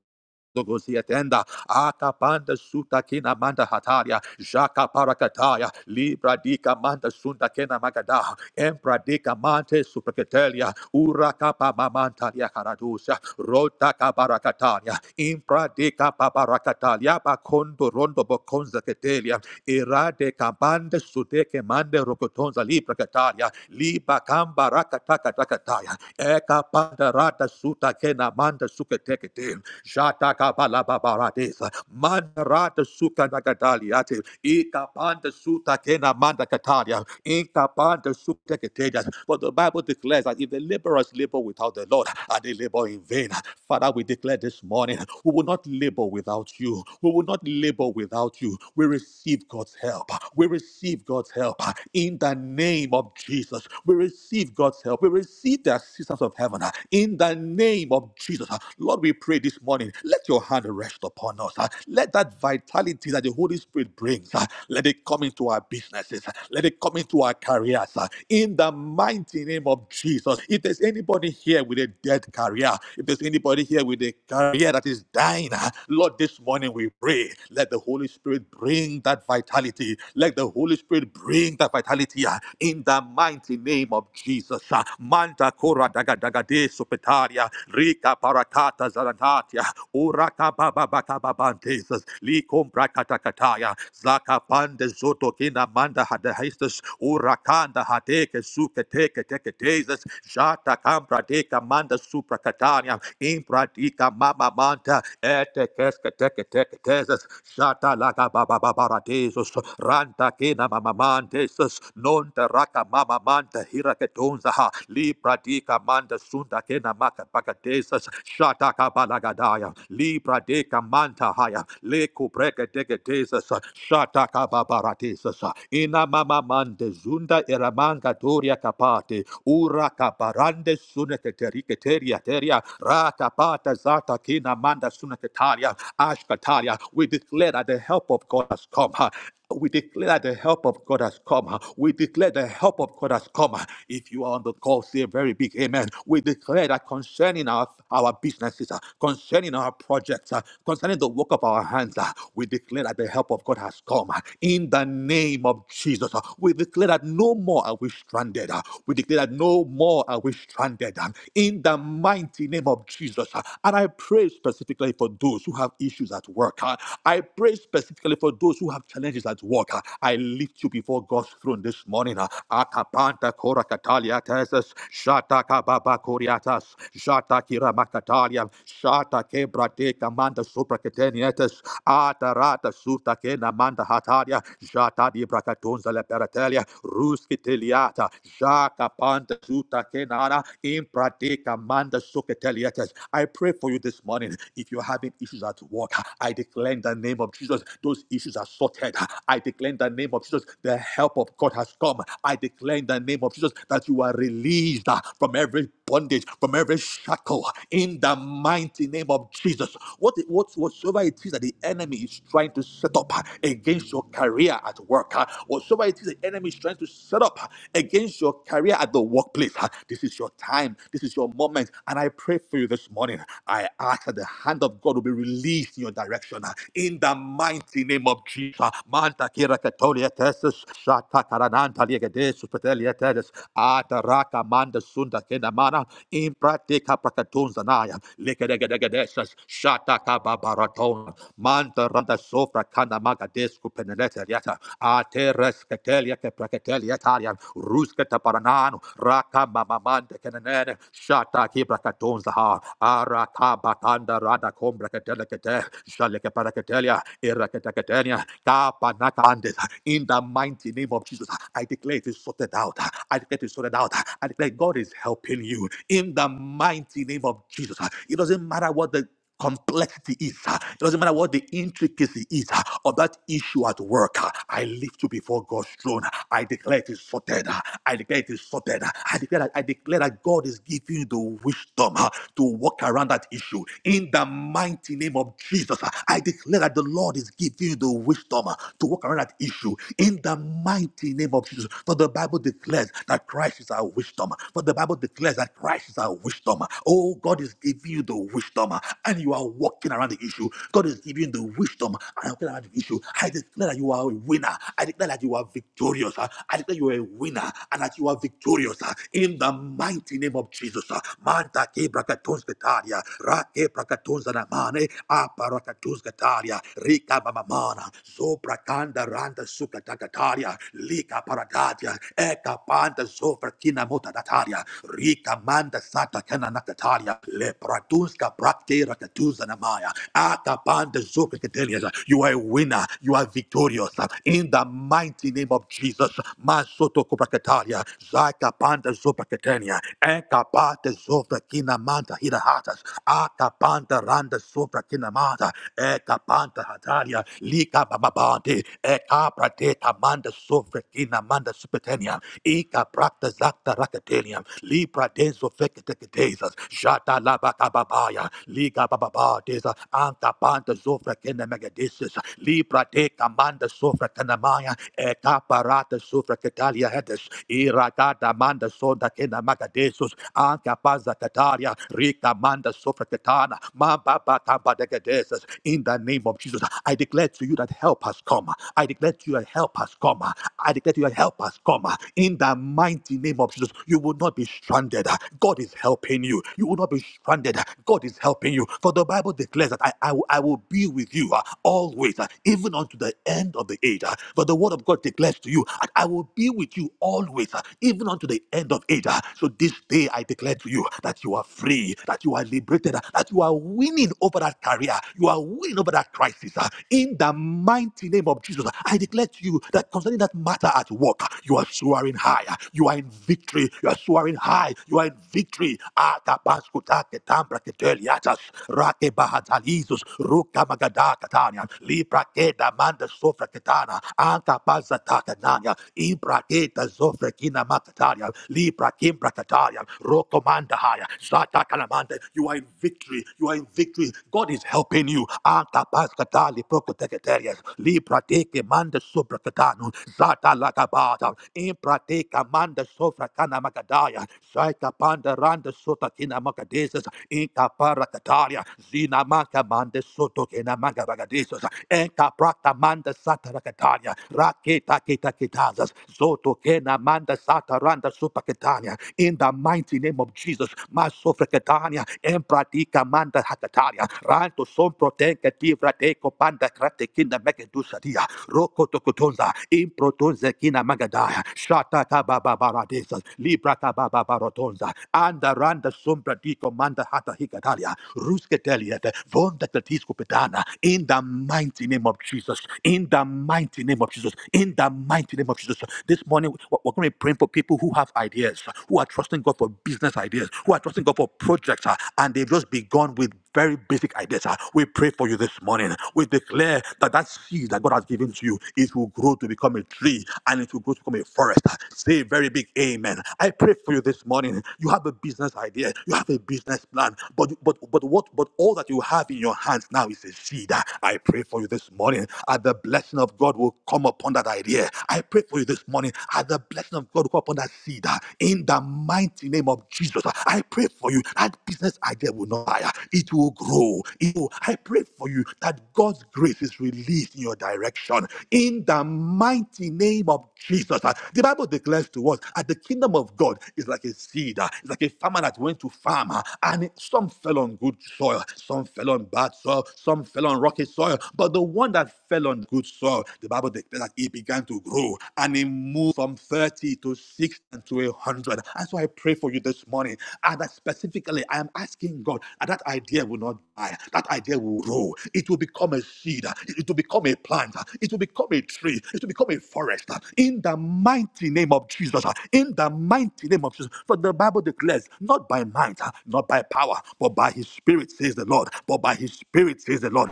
Speaker 2: Zogosiatenda, Akapanda Suta Kina Manda Hataria, Jaka Parakataya, Libra Dika Manda Sunda Kena Magada, Empra Dika Mante Supraketelia, Urakapa Mamantalia Karadusa, Rota Kabarakatania, Impra Dika Pabarakatalia, Bakondo Rondo Bokonza Ketelia, Irade Kabande Sudeke Mande Rokotonza Libra Katalia, Liba Kamba Rakataka Takataya, Eka Pandarata suta kena manda suka tekete. Jata kabala babaradesa. Mandarata suka nagadaliate. Ika panda suta kena manda kataria. Inka panda suka tekete. But the Bible declares that if the laborers labor without the Lord, and they labor in vain. Father, we declare this morning, we will not labor without you. We will not labor without you. We receive God's help. We receive God's help in the name of Jesus. We receive God's God's help, we receive the assistance of heaven uh, in the name of Jesus. uh. Lord, we pray this morning, let your hand rest upon us. uh. Let that vitality that the Holy Spirit brings, uh, let it come into our businesses. uh. Let it come into our careers. uh, In the mighty name of Jesus. If there's anybody here with a dead career, if there's anybody here with a career that is dying, uh, Lord, this morning we pray, let the Holy Spirit bring that vitality. Let the Holy Spirit bring that vitality hospitality uh, in the mighty name of Jesus. uh, Manta kora daga daga de supetaria, rika parakata zaranatia, uraka baba baka babantesis, likum brakatakataya, zaka pande zoto kina manda hadahistas, urakanda hadeke suke teke teke tesis, jata kambra deka manda suprakatania, impradika mama manta, ete keske teke teke tesis, jata laga baba baba paradesos, ranta kena mamamantes, non teraka mamamanta hiraketonzaha, libra dika manda sunda kena makapakatesas, shataka balagadaya, libra deka manta haya, leku breke degetesas, shataka babaratesas, ina mamamante zunda eramanga toria kapate, ura kabarande suneketeriketeria teria, rata pata zata kina manda suneketaria, Ashkatalia. We declare that the help of God has come. huh. We declare that the help of God has come. huh. We declare the help of God has come. huh. If you are on the call, say a very big amen. We declare that concerning our, our businesses, huh, concerning our projects, huh, concerning the work of our hands, huh, we declare that the help of God has come. huh. In the name of Jesus, huh, we declare that no more are we stranded. huh. We declare that no more are we stranded. huh. In the mighty name of Jesus. Jesus. And I pray specifically for those who have issues at work. uh, I pray specifically for those who have challenges at work. uh, I lift you before God's throne this morning. uh, Akapanta kora katalia tesis, shata kababa koriatas, shata kira makatalia, shata kebra de kamanda sopra ketenietes, atarata sufta kena manda hatalia, shata di brakatonza le peratelia, ruskiteliata, shaka panta suta kenana, Father, in Pradeka Manda Soketeliates. I pray for you this morning. If you're having issues at work, I declare in the name of Jesus, those issues are sorted. I declare in the name of Jesus, the help of God has come. I declare in the name of Jesus that you are released uh, from every bondage, from every shackle in the mighty name of Jesus. What, what whatsoever it is that the enemy is trying to set up against your career at work, uh, whatsoever it is the enemy is trying to set up against your career at the workplace, uh, this is your time, this is your moment. And I pray for you this morning. I ask that the hand of God will be release your direction uh, in the mighty name of Jesus. Uh, Manta kira katolia tesis, shata karananta liegedesus petelia tedes, ataraka manda sunda kenamana, impratika prakatunzanaya, likedegedegedesas, shata kababaraton, manta randa sofra kanamaga desku penelete yata Ate resketelia ke praketelia tarian. Rusketa paranano. Raka mamamante kenene. Shata ki brakatonzaha. Araka batanda rada kom braketele kete. Shaleke paraketelia. Iraketaketelia. Kapa nakande. In the mighty name of Jesus, I declare it is sorted out. I declare it is sorted out. I declare God is helping you. In the mighty name of Jesus, it doesn't matter what the complexity is. ah, It doesn't matter what the intricacy is ah, of that issue at work. ah, I lift you before God's throne. I declare it is sorted. ah, I declare it is sorted. ah, I declare that, I declare that God is giving you the wisdom ah, to walk around that issue. In the mighty name of Jesus, ah, I declare that the Lord is giving you the wisdom ah, to walk around that issue. In the mighty name of Jesus. For the Bible declares that Christ is our wisdom. For the Bible declares that Christ is our wisdom. Oh, God is giving you the wisdom wisdom uh, and you are walking around the issue. God is giving you the wisdom and walking around the issue. I declare that you are a winner. I declare that you are victorious. uh, I declare you are a winner and that you are victorious uh, in the mighty name of Jesus. uh. Manta ke brakatons ketaria, ra brakatons anamane, aparakatons ketaria, rika mamamana, zobrakanda randa sukatakaria, lika paradatia, eka panda zofrakina motadataria, rika manda sata kena nakataria, Le pratunska praktera rakatuza namaya. Ata pande zoke ketelias. You are a winner. You are victorious. In the mighty name of Jesus. Masoto kupakatalia. Zaka pande zopa ketenia. Eka pate zofra kina manta hida hatas. Aka panta randa sofra kina manta. Eka panta hatalia. Lika bababante. Eka prate kamanda sofra kina manda supetenia. Ika prakta zakta rakatenia. Libra denso fekete ketezas Jesus. Jata la ba ka ba ba ya. Liga ba ba ba desa. Anta panta zofra kene megadesis. Libra de kamanda sofra kanamaya. Eka parata sofra katalia hedes. Iragada manda sonda kena magadesus. Anka paza kataria. Rika manda sofra katana. Mamba ba kamba degadesis. In the name of Jesus, I declare to you that help has come. I declare to you that help has come. I declare to you that help has come. In the mighty name of Jesus, you will not be stranded. God God is helping you. You will not be stranded. God is helping you. For the Bible declares that I, I, will I will be with you uh, always, uh, even unto the end of the age. uh. For the word of God declares to you, I I will be with you always, uh, even unto the end of age. uh. So this day I declare to you that you are free, that you are liberated, uh, that you are winning over that career. You are winning over that crisis. uh. In the mighty name of Jesus, I declare to you that concerning that matter at work, you are soaring higher. You are in victory. You are soaring high high. You are in victory. Atabaskuta ketambra keteliatas. Rake bahatalizus. Ruka magada katania. Libra keda manda sofra ketana. anta baza takanania. Ibra keda zofra kina makataria. Libra kimbra kataria. Roko manda haya. Zata kalamanda. You are in victory. You are in victory. God is helping you. Anta paskatali prokoteketerias. Libra teke manda sobra katanu. Zata lagabata. Impra teka manda sofra kana Magadaya, Shaika Panda Randa Sotatina Magadesus, Inka Paracataria, Zina Maka Manda Sotokina Magabagadesus, Enka Prata Manda Sataracataria, Raketa Kita Kitazas, Zotokena Manda Sataranda Supaketania, in the mighty name of Jesus, Masofreketania, Empratika Manda Hakataria, Ranto Somprotenka Tivra Deco Panda Kratekina Megadusadia, Roko Tokotonza, Improtonze Kina Magadaya, Shata Baba paradesas, librata baba barotonza, anda randa sombra di comanda hata hikadalia, rusketeliet, vonda tetisco pedana, in the mighty name of Jesus, in the mighty name of Jesus, in the mighty name of Jesus. This morning, we- we're going to be praying for people who have ideas, who are trusting God for business ideas, who are trusting God for projects, uh, and they've just begun with very basic ideas. ah. We pray for you this morning. We declare that that seed that God has given to you, it will grow to become a tree and it will grow to become a forest. ah. Say a very big amen. I pray for you this morning. You have a business idea. You have a business plan. But but but what but all that you have in your hands now is a seed. ah. I pray for you this morning. And the blessing of God will come upon that idea. I pray for you this morning. And the blessing of God will come upon that seed. ah. In the mighty name of Jesus. ah. I pray for you. That business idea will not die. ah. It will it will grow. It will- I pray for you that God's grace is released in your direction. In the mighty name of Jesus. Uh, The Bible declares to us that the kingdom of God is like a seed, uh, it's like a farmer that went to farm, uh, and some fell on good soil, some fell on bad soil, some fell on rocky soil. But the one that fell on good soil, the Bible declares that it began to grow and it moved from 30 to 60 and to 100. And so I pray for you this morning. And that specifically, I am asking God that idea idea will not die. That idea will grow. It will become a seed. It will become a plant. It will become a tree. It will become a forest. In the mighty name of Jesus. In the mighty name of Jesus. For the Bible declares, not by might, not by power, but by his spirit, says the Lord. But by his spirit, says the Lord.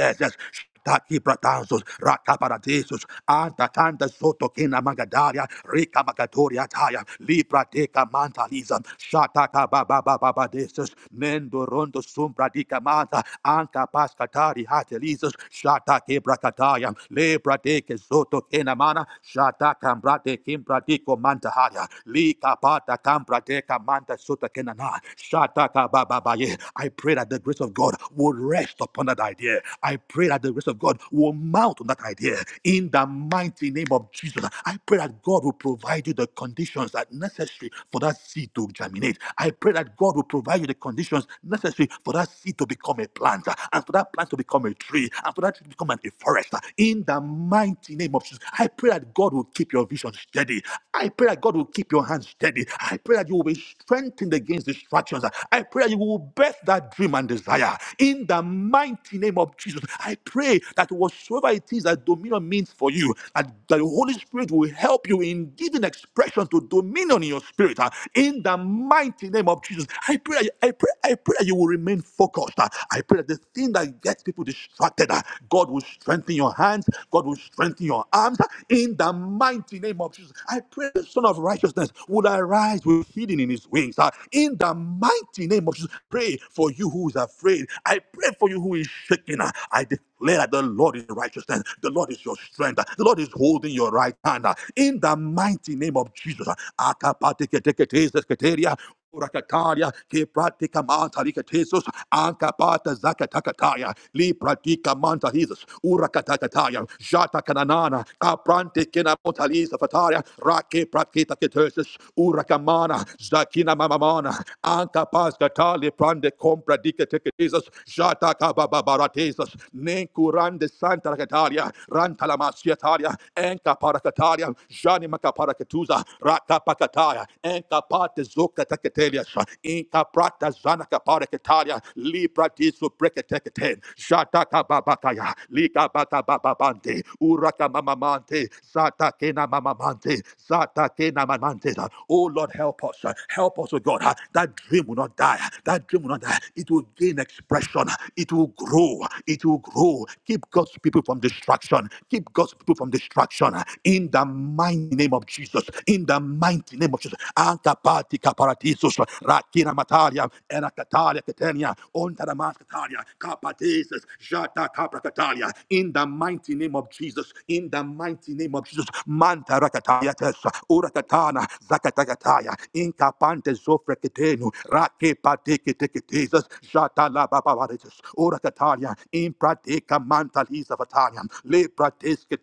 Speaker 2: Yes, yes. Taki Pratazos, Rakaparatisus, Anta Kanda Soto Kina Magadaria, Rika Magatoria Taya, Libra Deca Mantalism, Shataka Baba Baba Badesus, Mendo Rondo Sumbra Dica Manta, Anka Pascatari Hatelisus, Shatake Bracataya, Libra Deca Soto Kina Mana, Shataka Brate Kimbra Dico Mantaharia, Lika Pata Cambra Deca Manta Sota Kenana, Shataka Baba Baye. I pray that the grace of God will will rest upon that idea. I pray that the grace of God will mount on that idea in the mighty name of Jesus. I pray that God will provide you the conditions that are necessary for that seed to germinate. I pray that God will provide you the conditions necessary for that seed to become a plant and for that plant to become a tree and for that tree to become a forest in the mighty name of Jesus. I pray that God will keep your vision steady. I pray that God will keep your hands steady. I pray that you will be strengthened against distractions. I pray that you you will birth that dream and desire in the mighty name of Jesus. I pray that whatsoever it is that dominion means for you, that, the Holy Spirit will help you in giving expression to dominion in your spirit uh, in the mighty name of Jesus. I pray, I pray, I pray that you will remain focused. uh. I pray that the thing that gets people distracted, uh, God will strengthen your hands, God will strengthen your arms uh, in the mighty name of Jesus. I pray the Son of Righteousness will arise with healing in his his wings. ah. In the mighty name of Jesus, pray for you who is afraid. I pray for you who is shaking. ah. I declare that the Lord is righteousness. The Lord is your strength. ah. The Lord is holding your right hand. ah. In the mighty name of Jesus. ah. Akapateketeketeseketeria. Rakataria, que pratica manta ricatesos, anca pata zacatakataya, li pratica manta risos, urakatakataya, jata cananana, caprante kena motalisa fataria, rake pratica ketesis, urakamana, zakina mamamana, anca pascatali prande compra dicatesis, jata cababaratesis, nencurande santa racataria, ranta la masiataria, enca para Rakataria, Jani Makaparakatuza, Rakapakataya, Enkapate Zokatakatelias, Inkaprata Zanaka Parakataria, Libra Disu Breketekate, Shataka Babakaya, Lika Baka Bababante, Uraka Mamamante, Satakena Mamamante, Satakena Mamante. Oh Lord, help us. Help us, oh God. That dream will not die. That dream will not die. It will gain expression. It will grow. It will grow. Keep God's people from destruction. Keep God's people from destruction. In the mighty name of Jesus. In the mighty name of Jesus. Antapati kaparatisos. Rakina mataria. Erakatalia ketenia. Ontaramas katalia Kapatesis. Jata kaprakatalia. In the mighty name of Jesus. In the mighty name of Jesus. Manta rakatalia tesa. Urakatana. Zakatakataya. Inkapante zofrekete tenu, rake pateke teke tezas, babavaritus, ora katalia, imprateka mantaliza vatalia, le prateske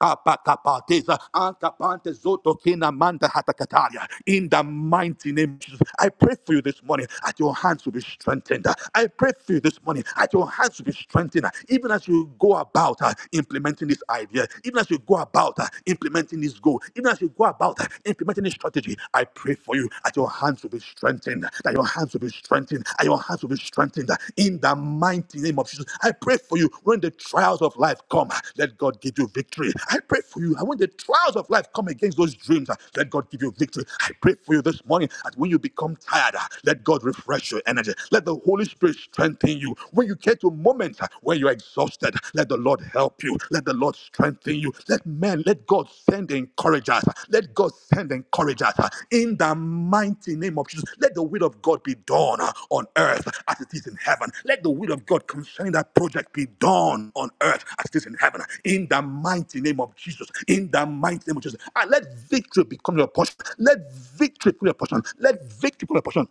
Speaker 2: kapa kapa teza, zoto kina manta hata In the mighty name of Jesus, I pray for you this morning that your hands will be strengthened. I pray for you this morning that your hands will be strengthened, even as you go about uh, implementing this idea, even as you go about uh, implementing implementing this goal, even as you go about implementing this strategy, I pray for you that your hands will be strengthened, that your hands will be strengthened, that your hands will be strengthened in the mighty name of Jesus. I pray for you when the trials of life come, let God give you victory. I pray for you. And when the trials of life come against those dreams, let God give you victory. I pray for you this morning that when you become tired, let God refresh your energy. Let the Holy Spirit strengthen you. When you get to moments where when you're exhausted, let the Lord help you. Let the Lord strengthen you. Let men, let God send encouragers. Let God send encouragers in the mighty name of Jesus. Let the will of God be done on earth as it is in heaven. Let the will of God concerning that project be done on earth as it is in heaven. In the mighty name of Jesus. In the mighty name of Jesus. And let victory become your portion. Let victory become your portion. Let victory become your portion.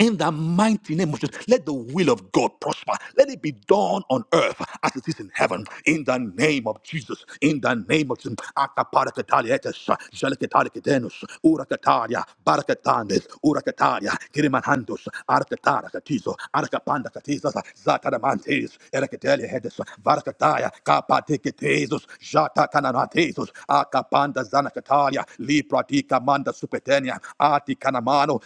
Speaker 2: In the mighty name of Jesus, let the will of God prosper. Let it be done on earth as it is in heaven. In the name of Jesus. In the name of Jesus. Akaparakataliates, jalakatarakitenus, urakataria, barakatanes, urakataria, kirimanhandos, arakatarakatizo, arakapandakatizas, zataramantes, erakateliahedes, varakataya, kapateketezos, jatakananatesos, akapanda zanakataria, lipratika manda supetenia, ati kanamano,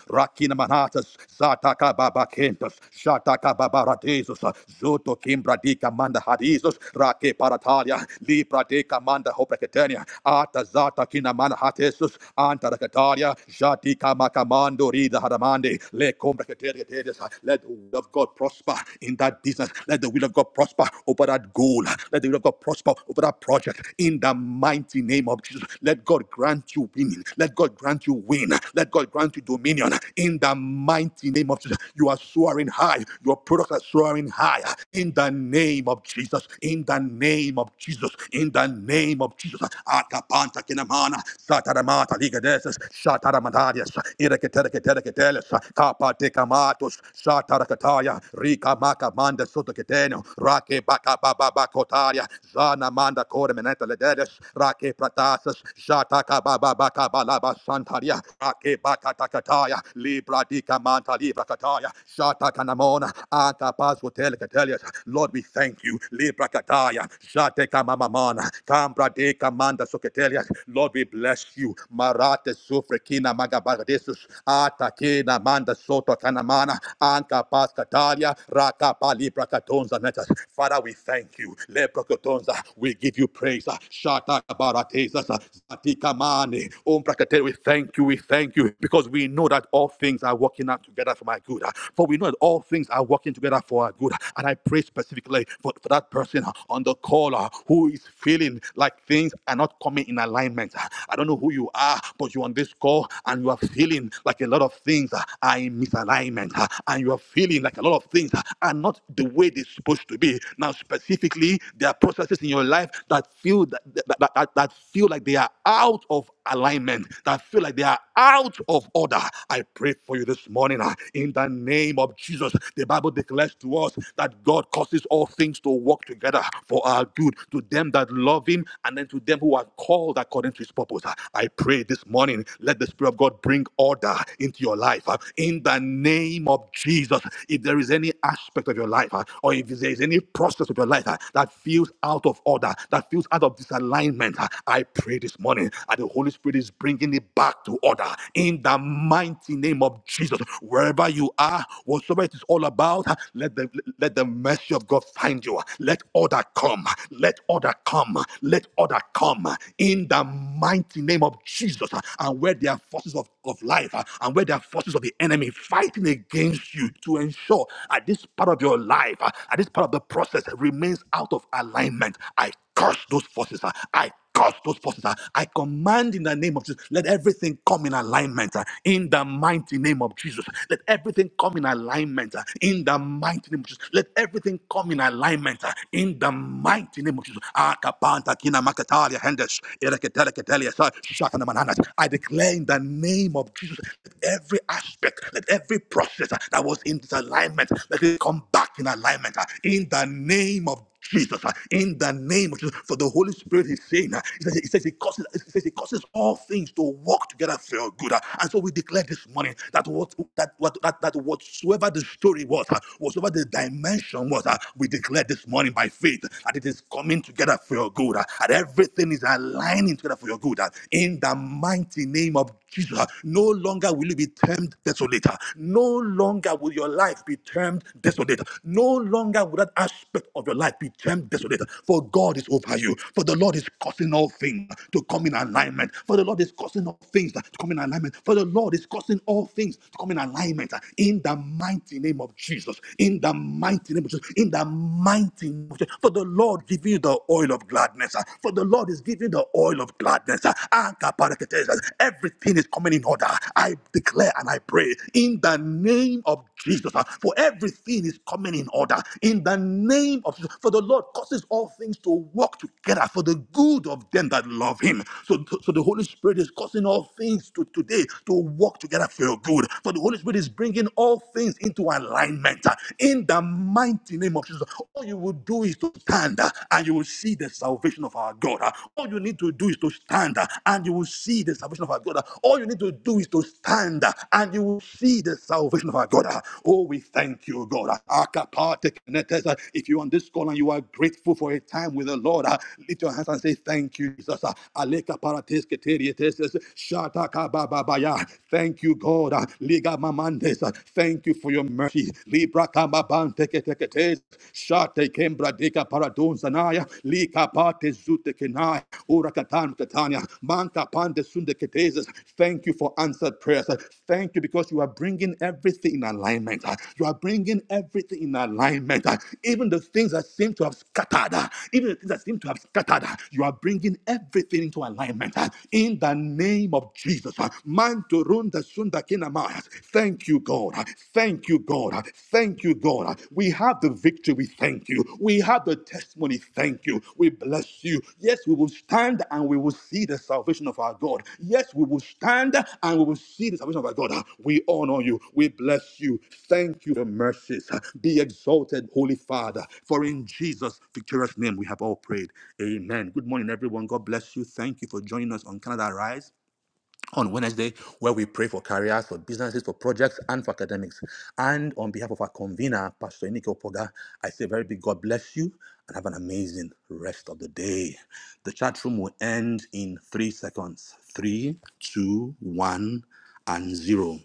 Speaker 2: Jesus, Sataka Baba Kentus, Shataka Babara Jesus, Zoto Kimbra di Kamanda Hadisus, Rake Paratalia, Libra de Kamanda Hopeketania, Ata Zata Kinamana Hatesus, Anta Rakatalia, Jati Kamakamando Rida Hadamande, Le Combraketeria Tedes, let the will of God prosper in that business, let the will of God prosper over that goal, let the will of God prosper over that project, in the mighty name of Jesus, let God grant you winning, let God grant you win, let God grant you dominion, in the mighty name of Jesus. You are soaring high. Your products are soaring high. In the name of Jesus. In the name of Jesus. In the name of Jesus. Akapanta kinamana. Sataramata ligadeses. Sataramadaries. Ireketereketereketeles. Kapatekamatos. Satarakataya. Rika makamanda sotoketeno. Rake bakabababakotaria. Zana manda koremeneta lederes. Rake pratasas. Jataka baba baka balaba santaria. Rake baka takataya. Lib Pradika Manta Libra Kataya, Shata Kanamona, Anta Pasu Telekatelias. Lord, we thank you. Libra Kataya, Shate Kamamamana, Kambra de Kamanda Soketelias. Lord, we bless you. Marate Sufrekina Magabardesus, Atakina Manda Soto Kanamana, Anka Pas Katalia, Raka Palibra Katonza Netas. Father, we thank you. Libra Katonza, we give you praise. Shata Baratesas, Zatika Mane, Umbra Katel, we thank you, we thank you, because we know that all all things are working out together for my good. uh, For we know that all things are working together for our good. uh, And I pray specifically for, for that person uh, on the call uh, who is feeling like things are not coming in alignment. uh. I don't know who you are, but you're on this call and you are feeling like a lot of things uh, are in misalignment. uh, And you are feeling like a lot of things uh, are not the way they're supposed to be. Now, specifically, there are processes in your life that feel that, that, that that feel like they are out of alignment, that feel like they are out of order. I pray for you this morning ah, in the name of Jesus. The Bible declares to us that God causes all things to work together for our good to them that love Him and then to them who are called according to His purpose. Ah, I pray this morning, let the Spirit of God bring order into your life ah, in the name of Jesus. If there is any aspect of your life ah, or if there is any process of your life ah, that feels out of order, that that feels out of disalignment, uh, I pray this morning that the Holy Spirit is bringing it back to order in the mighty name of Jesus. Wherever you are, whatsoever it is all about, uh, let the, let the mercy of God find you. Let order come. Let order come. Let order come in the mighty name of Jesus. uh, And where there are forces of, of life uh, and where there are forces of the enemy fighting against you to ensure at this part of your life, uh, at this this part of the process remains out of alignment, I curse those forces. ah. I curse those forces. ah. I command in the name of Jesus, let everything come in alignment ah, in the mighty name of Jesus. Let everything come in alignment ah, in the mighty name of Jesus. Let everything come in alignment ah, in the mighty name of Jesus. Akapanta kina makatalia hendes, ereketele ketelia sa, shakana mananas. I declare in the name of Jesus, let every aspect, let every process, Jesus uh, that was in disalignment. Let it come back in alignment uh, in the name of Jesus, uh, in the name of Jesus, for the Holy Spirit is saying, uh, it says, it says, it, causes, He says it causes all things to work together for your good. uh, and so we declare this morning that what that what that, that whatsoever the story was, uh, whatsoever the dimension was, uh, we declare this morning by faith that it is coming together for your good, uh, and everything is aligning together for your good. uh, in the mighty name of Jesus, uh, no longer will you be termed desolate. No longer will your life be termed desolate. No longer will that aspect of your life be termed desolate. For God is over you. For the Lord is causing all things to come in alignment. For the Lord is causing all things to come in alignment. For the Lord is causing all things to come in alignment. In the mighty name of Jesus. In the mighty name of Jesus. In the mighty name of Jesus. For the Lord give you the oil of gladness. For the Lord is giving the oil oil of gladness. Ankapareketes. Everything is coming in order. I declare and I pray in the name of Jesus. uh, For everything is coming in order. In the name of Jesus. For the Lord causes all things to work together for the good of them that love him. So, so the Holy Spirit is causing all things to today to work together for your good. For the Holy Spirit is bringing all things into alignment. uh, In the mighty name of Jesus. All you will do is to stand stand uh, and you will see the salvation of our God. uh. All you need to do is to stand uh, and you will see the salvation of our God. uh. All you need to do is to stand uh, and you will see the salvation of our God. uh. Oh, we thank you, God. uh. Akapate uh, If you're on this call and you are grateful for a time with the Lord, uh, lift your hands and say, Thank you, Jesus. uh. Aleka parates uh, shata kabababaya. Thank you, God. uh. Liga mamandes. uh. Thank you for your mercy. Libra babante keteketes, shate kembra deka paradon lika pate zute kenai, ura katania, manta pande sunde keteses. Thank you for answered prayers. Thank you because you are bringing everything in alignment. You are bringing everything in alignment. Even the things that seem to have scattered, even the things that seem to have scattered, you are bringing everything into alignment. In the name of Jesus, manto runda sunda kinama, Thank you, God. Thank you, God. Thank you, God. We have the victory. Thank you. We have the testimony. Thank you. We bless you. Yes, we will stand and we will see the salvation of our God. Yes, we will stand and we will see the salvation of our God. We honor you. We bless you. Thank you for your mercies. Be exalted, Holy Father. For in Jesus' victorious name we have all prayed. Amen. Good morning, everyone. God bless you. Thank you for joining us on Canada Rise on Wednesday, where we pray for careers, for businesses, for projects, and for academics. And on behalf of our convener, Pastor Enike Opoga, I say a very big God bless you and have an amazing rest of the day. The chat room will end in three seconds. Three, two, one, and zero.